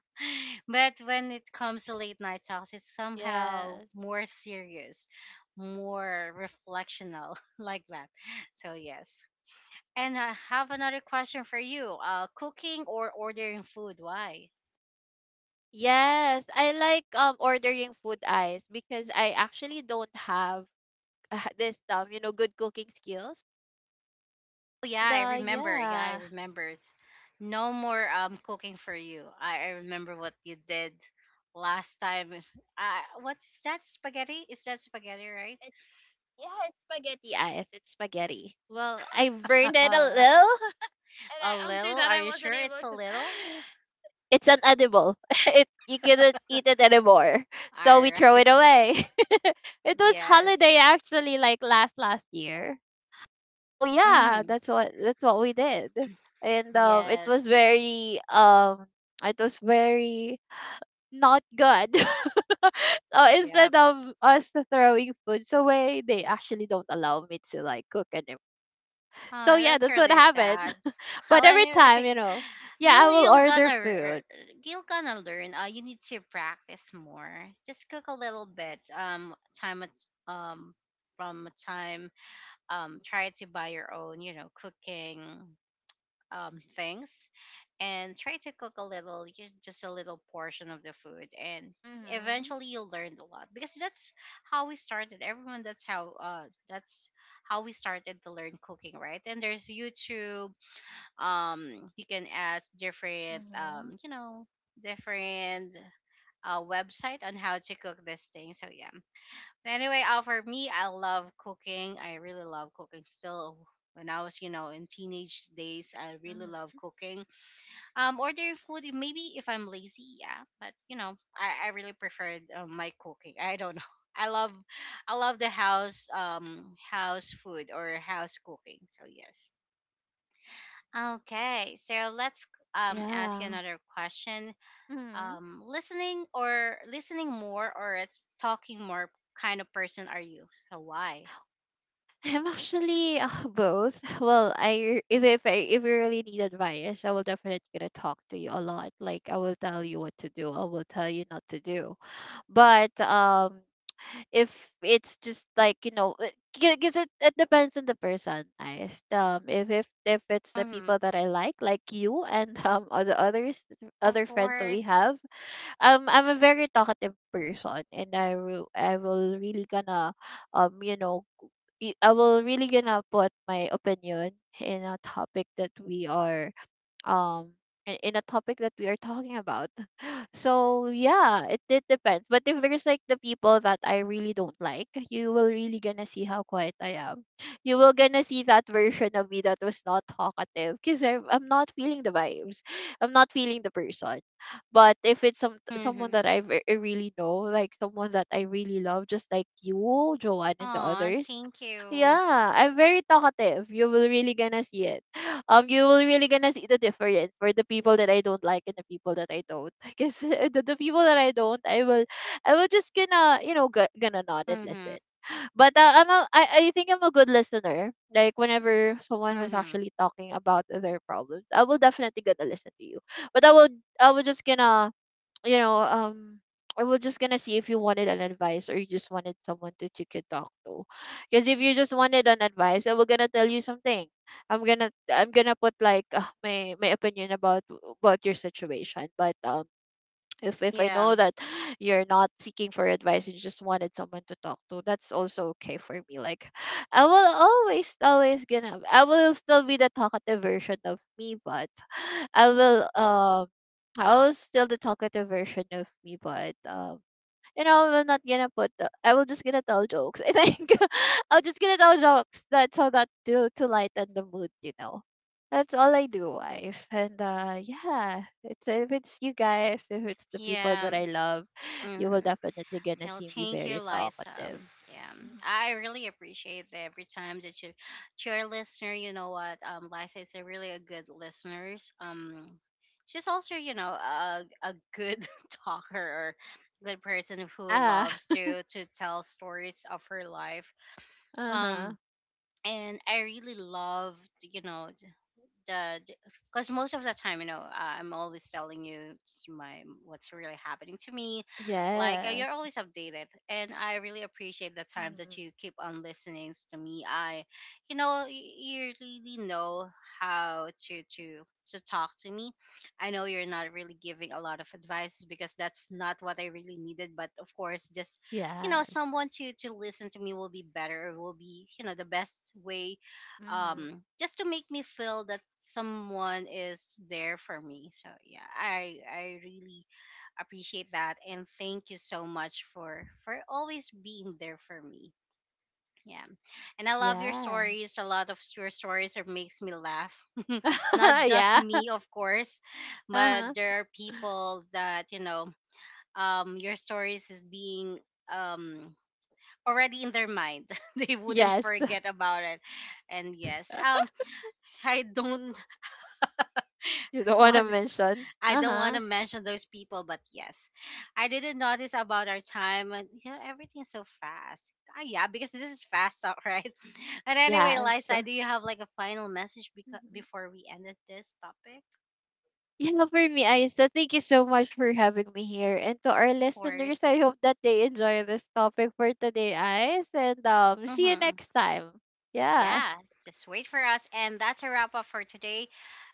[SPEAKER 1] <laughs> but when it comes to late night talks, it's somehow
[SPEAKER 2] yes.
[SPEAKER 1] more serious, more reflectional, <laughs> like that. So yes. And I have another question for you. Cooking or ordering food? Why?
[SPEAKER 2] Yes, I like ordering food eyes because I actually don't have <laughs> this good cooking skills.
[SPEAKER 1] Oh, yeah,
[SPEAKER 2] And
[SPEAKER 1] I
[SPEAKER 2] uh
[SPEAKER 1] remember. Yeah, I remember. No more cooking for you. I remember what you did last time. What's that? Spaghetti? Is that spaghetti, right?
[SPEAKER 2] it's yeah, it's spaghetti eyes. It's spaghetti. Well, I burned it a
[SPEAKER 1] <laughs>
[SPEAKER 2] little, <laughs> and I,
[SPEAKER 1] A
[SPEAKER 2] after
[SPEAKER 1] little?
[SPEAKER 2] that,
[SPEAKER 1] Are
[SPEAKER 2] I
[SPEAKER 1] you
[SPEAKER 2] wasn't
[SPEAKER 1] sure
[SPEAKER 2] able
[SPEAKER 1] it's a
[SPEAKER 2] to. <gasps>
[SPEAKER 1] little?
[SPEAKER 2] <sighs> It's unedible. <laughs> It you couldn't eat it anymore, <laughs> so
[SPEAKER 1] All
[SPEAKER 2] we throw
[SPEAKER 1] right.
[SPEAKER 2] it away. <laughs> It was
[SPEAKER 1] Yes.
[SPEAKER 2] holiday actually, like last year. So yeah,
[SPEAKER 1] Hmm.
[SPEAKER 2] that's what we did. And it was
[SPEAKER 1] Yes.
[SPEAKER 2] very it was very not good. <laughs> So instead
[SPEAKER 1] Yep.
[SPEAKER 2] of us throwing foods away, they actually don't allow me to like cook anymore. So
[SPEAKER 1] Oh,
[SPEAKER 2] yeah,
[SPEAKER 1] that's
[SPEAKER 2] that's what
[SPEAKER 1] really sad.
[SPEAKER 2] happened.
[SPEAKER 1] <laughs>
[SPEAKER 2] <laughs>
[SPEAKER 1] Well,
[SPEAKER 2] But every
[SPEAKER 1] anyway,
[SPEAKER 2] time, you know, yeah, I
[SPEAKER 1] you'll
[SPEAKER 2] will
[SPEAKER 1] gonna
[SPEAKER 2] order food.
[SPEAKER 1] you'll gonna learn. You need to practice more. Just cook a little bit. Time at um from a time, try to buy your own, you know, cooking things, and try to cook a little, just a little portion of the food. And
[SPEAKER 2] Mhm.
[SPEAKER 1] eventually you will learn a lot, because that's how we started. Everyone, that's how we started to learn cooking, right? And there's YouTube. You can ask different,
[SPEAKER 2] Mhm.
[SPEAKER 1] different website on how to cook this thing. So yeah. Anyway, for me, I love cooking. I really love cooking still. When I was, in teenage days, I really
[SPEAKER 2] Mhm.
[SPEAKER 1] love cooking. Ordering food, maybe if I'm lazy, yeah. But I really preferred my cooking. I don't know. <laughs> I love, I love the house, house food or house cooking. So yes. Okay, so let's ask you
[SPEAKER 2] Yeah.
[SPEAKER 1] another question.
[SPEAKER 2] Mhm.
[SPEAKER 1] Listening or listening more or it's talking more kind of person are you? So why?
[SPEAKER 2] I'm actually both. Well, I if I if you really need advice, I will definitely gonna talk to you a lot. Like I will tell you what to do. I will tell you not to do. But if it's just like you know because it depends on the person guys if it's the
[SPEAKER 1] Mm-hmm.
[SPEAKER 2] people that I like you and <laughs> um,
[SPEAKER 1] Of
[SPEAKER 2] other friends that we
[SPEAKER 1] course.
[SPEAKER 2] have I'm a very talkative person, and I will really gonna um you know I will really gonna put my opinion in a topic that we are um in a topic that we are talking about. So yeah, it depends. But if there's like the people that I really don't like, you will really gonna see how quiet I am. You will gonna see that version of me that was not talkative because I'm not feeling the vibes. I'm not feeling the person. But if it's someone
[SPEAKER 1] Mm-hmm.
[SPEAKER 2] that I really know, like someone that I really love, just like you, Joanne, and the
[SPEAKER 1] Aw,
[SPEAKER 2] others,
[SPEAKER 1] thank you.
[SPEAKER 2] yeah, I'm very talkative. You will really gonna see it you will really gonna see the difference for the people that I don't like and the people that I don't. <laughs> Because the people that I don't, I will just gonna gonna nod and listen.
[SPEAKER 1] Mm-hmm.
[SPEAKER 2] But I think I'm a good listener. Like whenever someone was
[SPEAKER 1] Mm-hmm.
[SPEAKER 2] actually talking about their problems, I will definitely gonna listen to you. But I will just gonna you know, um, I was just gonna see if you wanted an advice or you just wanted someone that you could talk to. Because if you just wanted an advice, I was gonna tell you something. I'm gonna put like my my opinion about your situation. But if I
[SPEAKER 1] Yeah.
[SPEAKER 2] know that you're not seeking for advice, you just wanted someone to talk to, that's also okay for me. Like I will always always gonna I will still be the talkative version of me, but I will um I was still the talkative version of me, but you know, we're not gonna put. The, I will just gonna tell jokes. I think <laughs> I'll just gonna tell jokes. That's how that to lighten the mood. You know, that's all I do, guys. And yeah, it's if it's you guys, if it's the people
[SPEAKER 1] Yeah.
[SPEAKER 2] that I love, you will
[SPEAKER 1] Mm-hmm.
[SPEAKER 2] definitely gonna
[SPEAKER 1] Hell,
[SPEAKER 2] see me
[SPEAKER 1] thank you,
[SPEAKER 2] very
[SPEAKER 1] Liza.
[SPEAKER 2] talkative.
[SPEAKER 1] Yeah.
[SPEAKER 2] Mhm.
[SPEAKER 1] I really appreciate that every time that you, to our listener, you know what? Liza is a really a good listener. Um, she's also, you know, a good <laughs> talker or good person who
[SPEAKER 2] Yeah.
[SPEAKER 1] loves
[SPEAKER 2] <laughs>
[SPEAKER 1] to tell stories of her life.
[SPEAKER 2] Uh huh.
[SPEAKER 1] Um, and I really loved, you know, the because most of the time, you know, I'm always telling you my what's really happening to me, like
[SPEAKER 2] Yes.
[SPEAKER 1] you're always updated. And I really appreciate the time
[SPEAKER 2] Mm-hmm.
[SPEAKER 1] that you keep on listening to me. I, you know, you really know how to talk to me. I know you're not really giving a lot of advice because that's not what I really needed. But of course, just, you know,
[SPEAKER 2] Yes.
[SPEAKER 1] someone to listen to me will be better, will be, you know, the best way,
[SPEAKER 2] Mm-hmm.
[SPEAKER 1] just to make me feel that someone is there for me. So yeah, I really appreciate that, and thank you so much for always being there for me. Yeah. And I love your
[SPEAKER 2] Yeah.
[SPEAKER 1] stories. A lot of your stories are makes me laugh. <laughs> Not
[SPEAKER 2] <laughs>
[SPEAKER 1] just
[SPEAKER 2] Yeah.
[SPEAKER 1] me, of course,
[SPEAKER 2] Uh
[SPEAKER 1] but
[SPEAKER 2] huh.
[SPEAKER 1] there are people that, you know, your stories is being um already in their mind. <laughs> They wouldn't
[SPEAKER 2] Yes.
[SPEAKER 1] forget about it. And yes,
[SPEAKER 2] <laughs>
[SPEAKER 1] I don't
[SPEAKER 2] You
[SPEAKER 1] <laughs>
[SPEAKER 2] don't want to
[SPEAKER 1] want
[SPEAKER 2] mention?
[SPEAKER 1] I
[SPEAKER 2] Uh
[SPEAKER 1] don't want
[SPEAKER 2] huh.
[SPEAKER 1] to mention those people, but yes, I didn't notice about our time. And, you know, everything's so fast. Ah, yeah, because this is fast, all right. <laughs> But anyway,
[SPEAKER 2] Yes.
[SPEAKER 1] Liza, do you have like a final message
[SPEAKER 2] Mhm.
[SPEAKER 1] before we end this topic?
[SPEAKER 2] Yeah, for me, Aisa, thank you so much for having me here. And to our
[SPEAKER 1] Of
[SPEAKER 2] listeners,
[SPEAKER 1] course.
[SPEAKER 2] I hope that they enjoy this topic for today, Ais. And see you
[SPEAKER 1] Mm-hmm.
[SPEAKER 2] next time. Yeah.
[SPEAKER 1] Yeah, just wait for us. And that's a wrap up for today.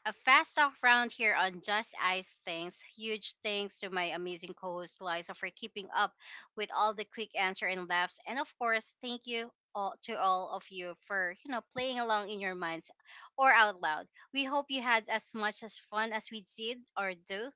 [SPEAKER 1] A fast talk round here on Just Ice Things. Huge thanks to my amazing co host Liza for keeping up with all the quick answer and laughs. And of course, thank you all, to all of you for, you know, playing along in your minds or out loud. We hope you had as much as fun as we did or do,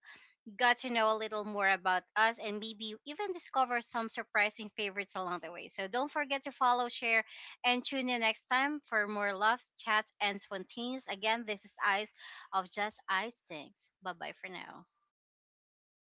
[SPEAKER 1] got to know a little more about us, and maybe even discover some surprising favorites along the way. So don't forget to follow, share, and tune in next time for more loves, chats, and spontaneous. Again, this is Eyes of Just Eyes Things. Bye bye for now.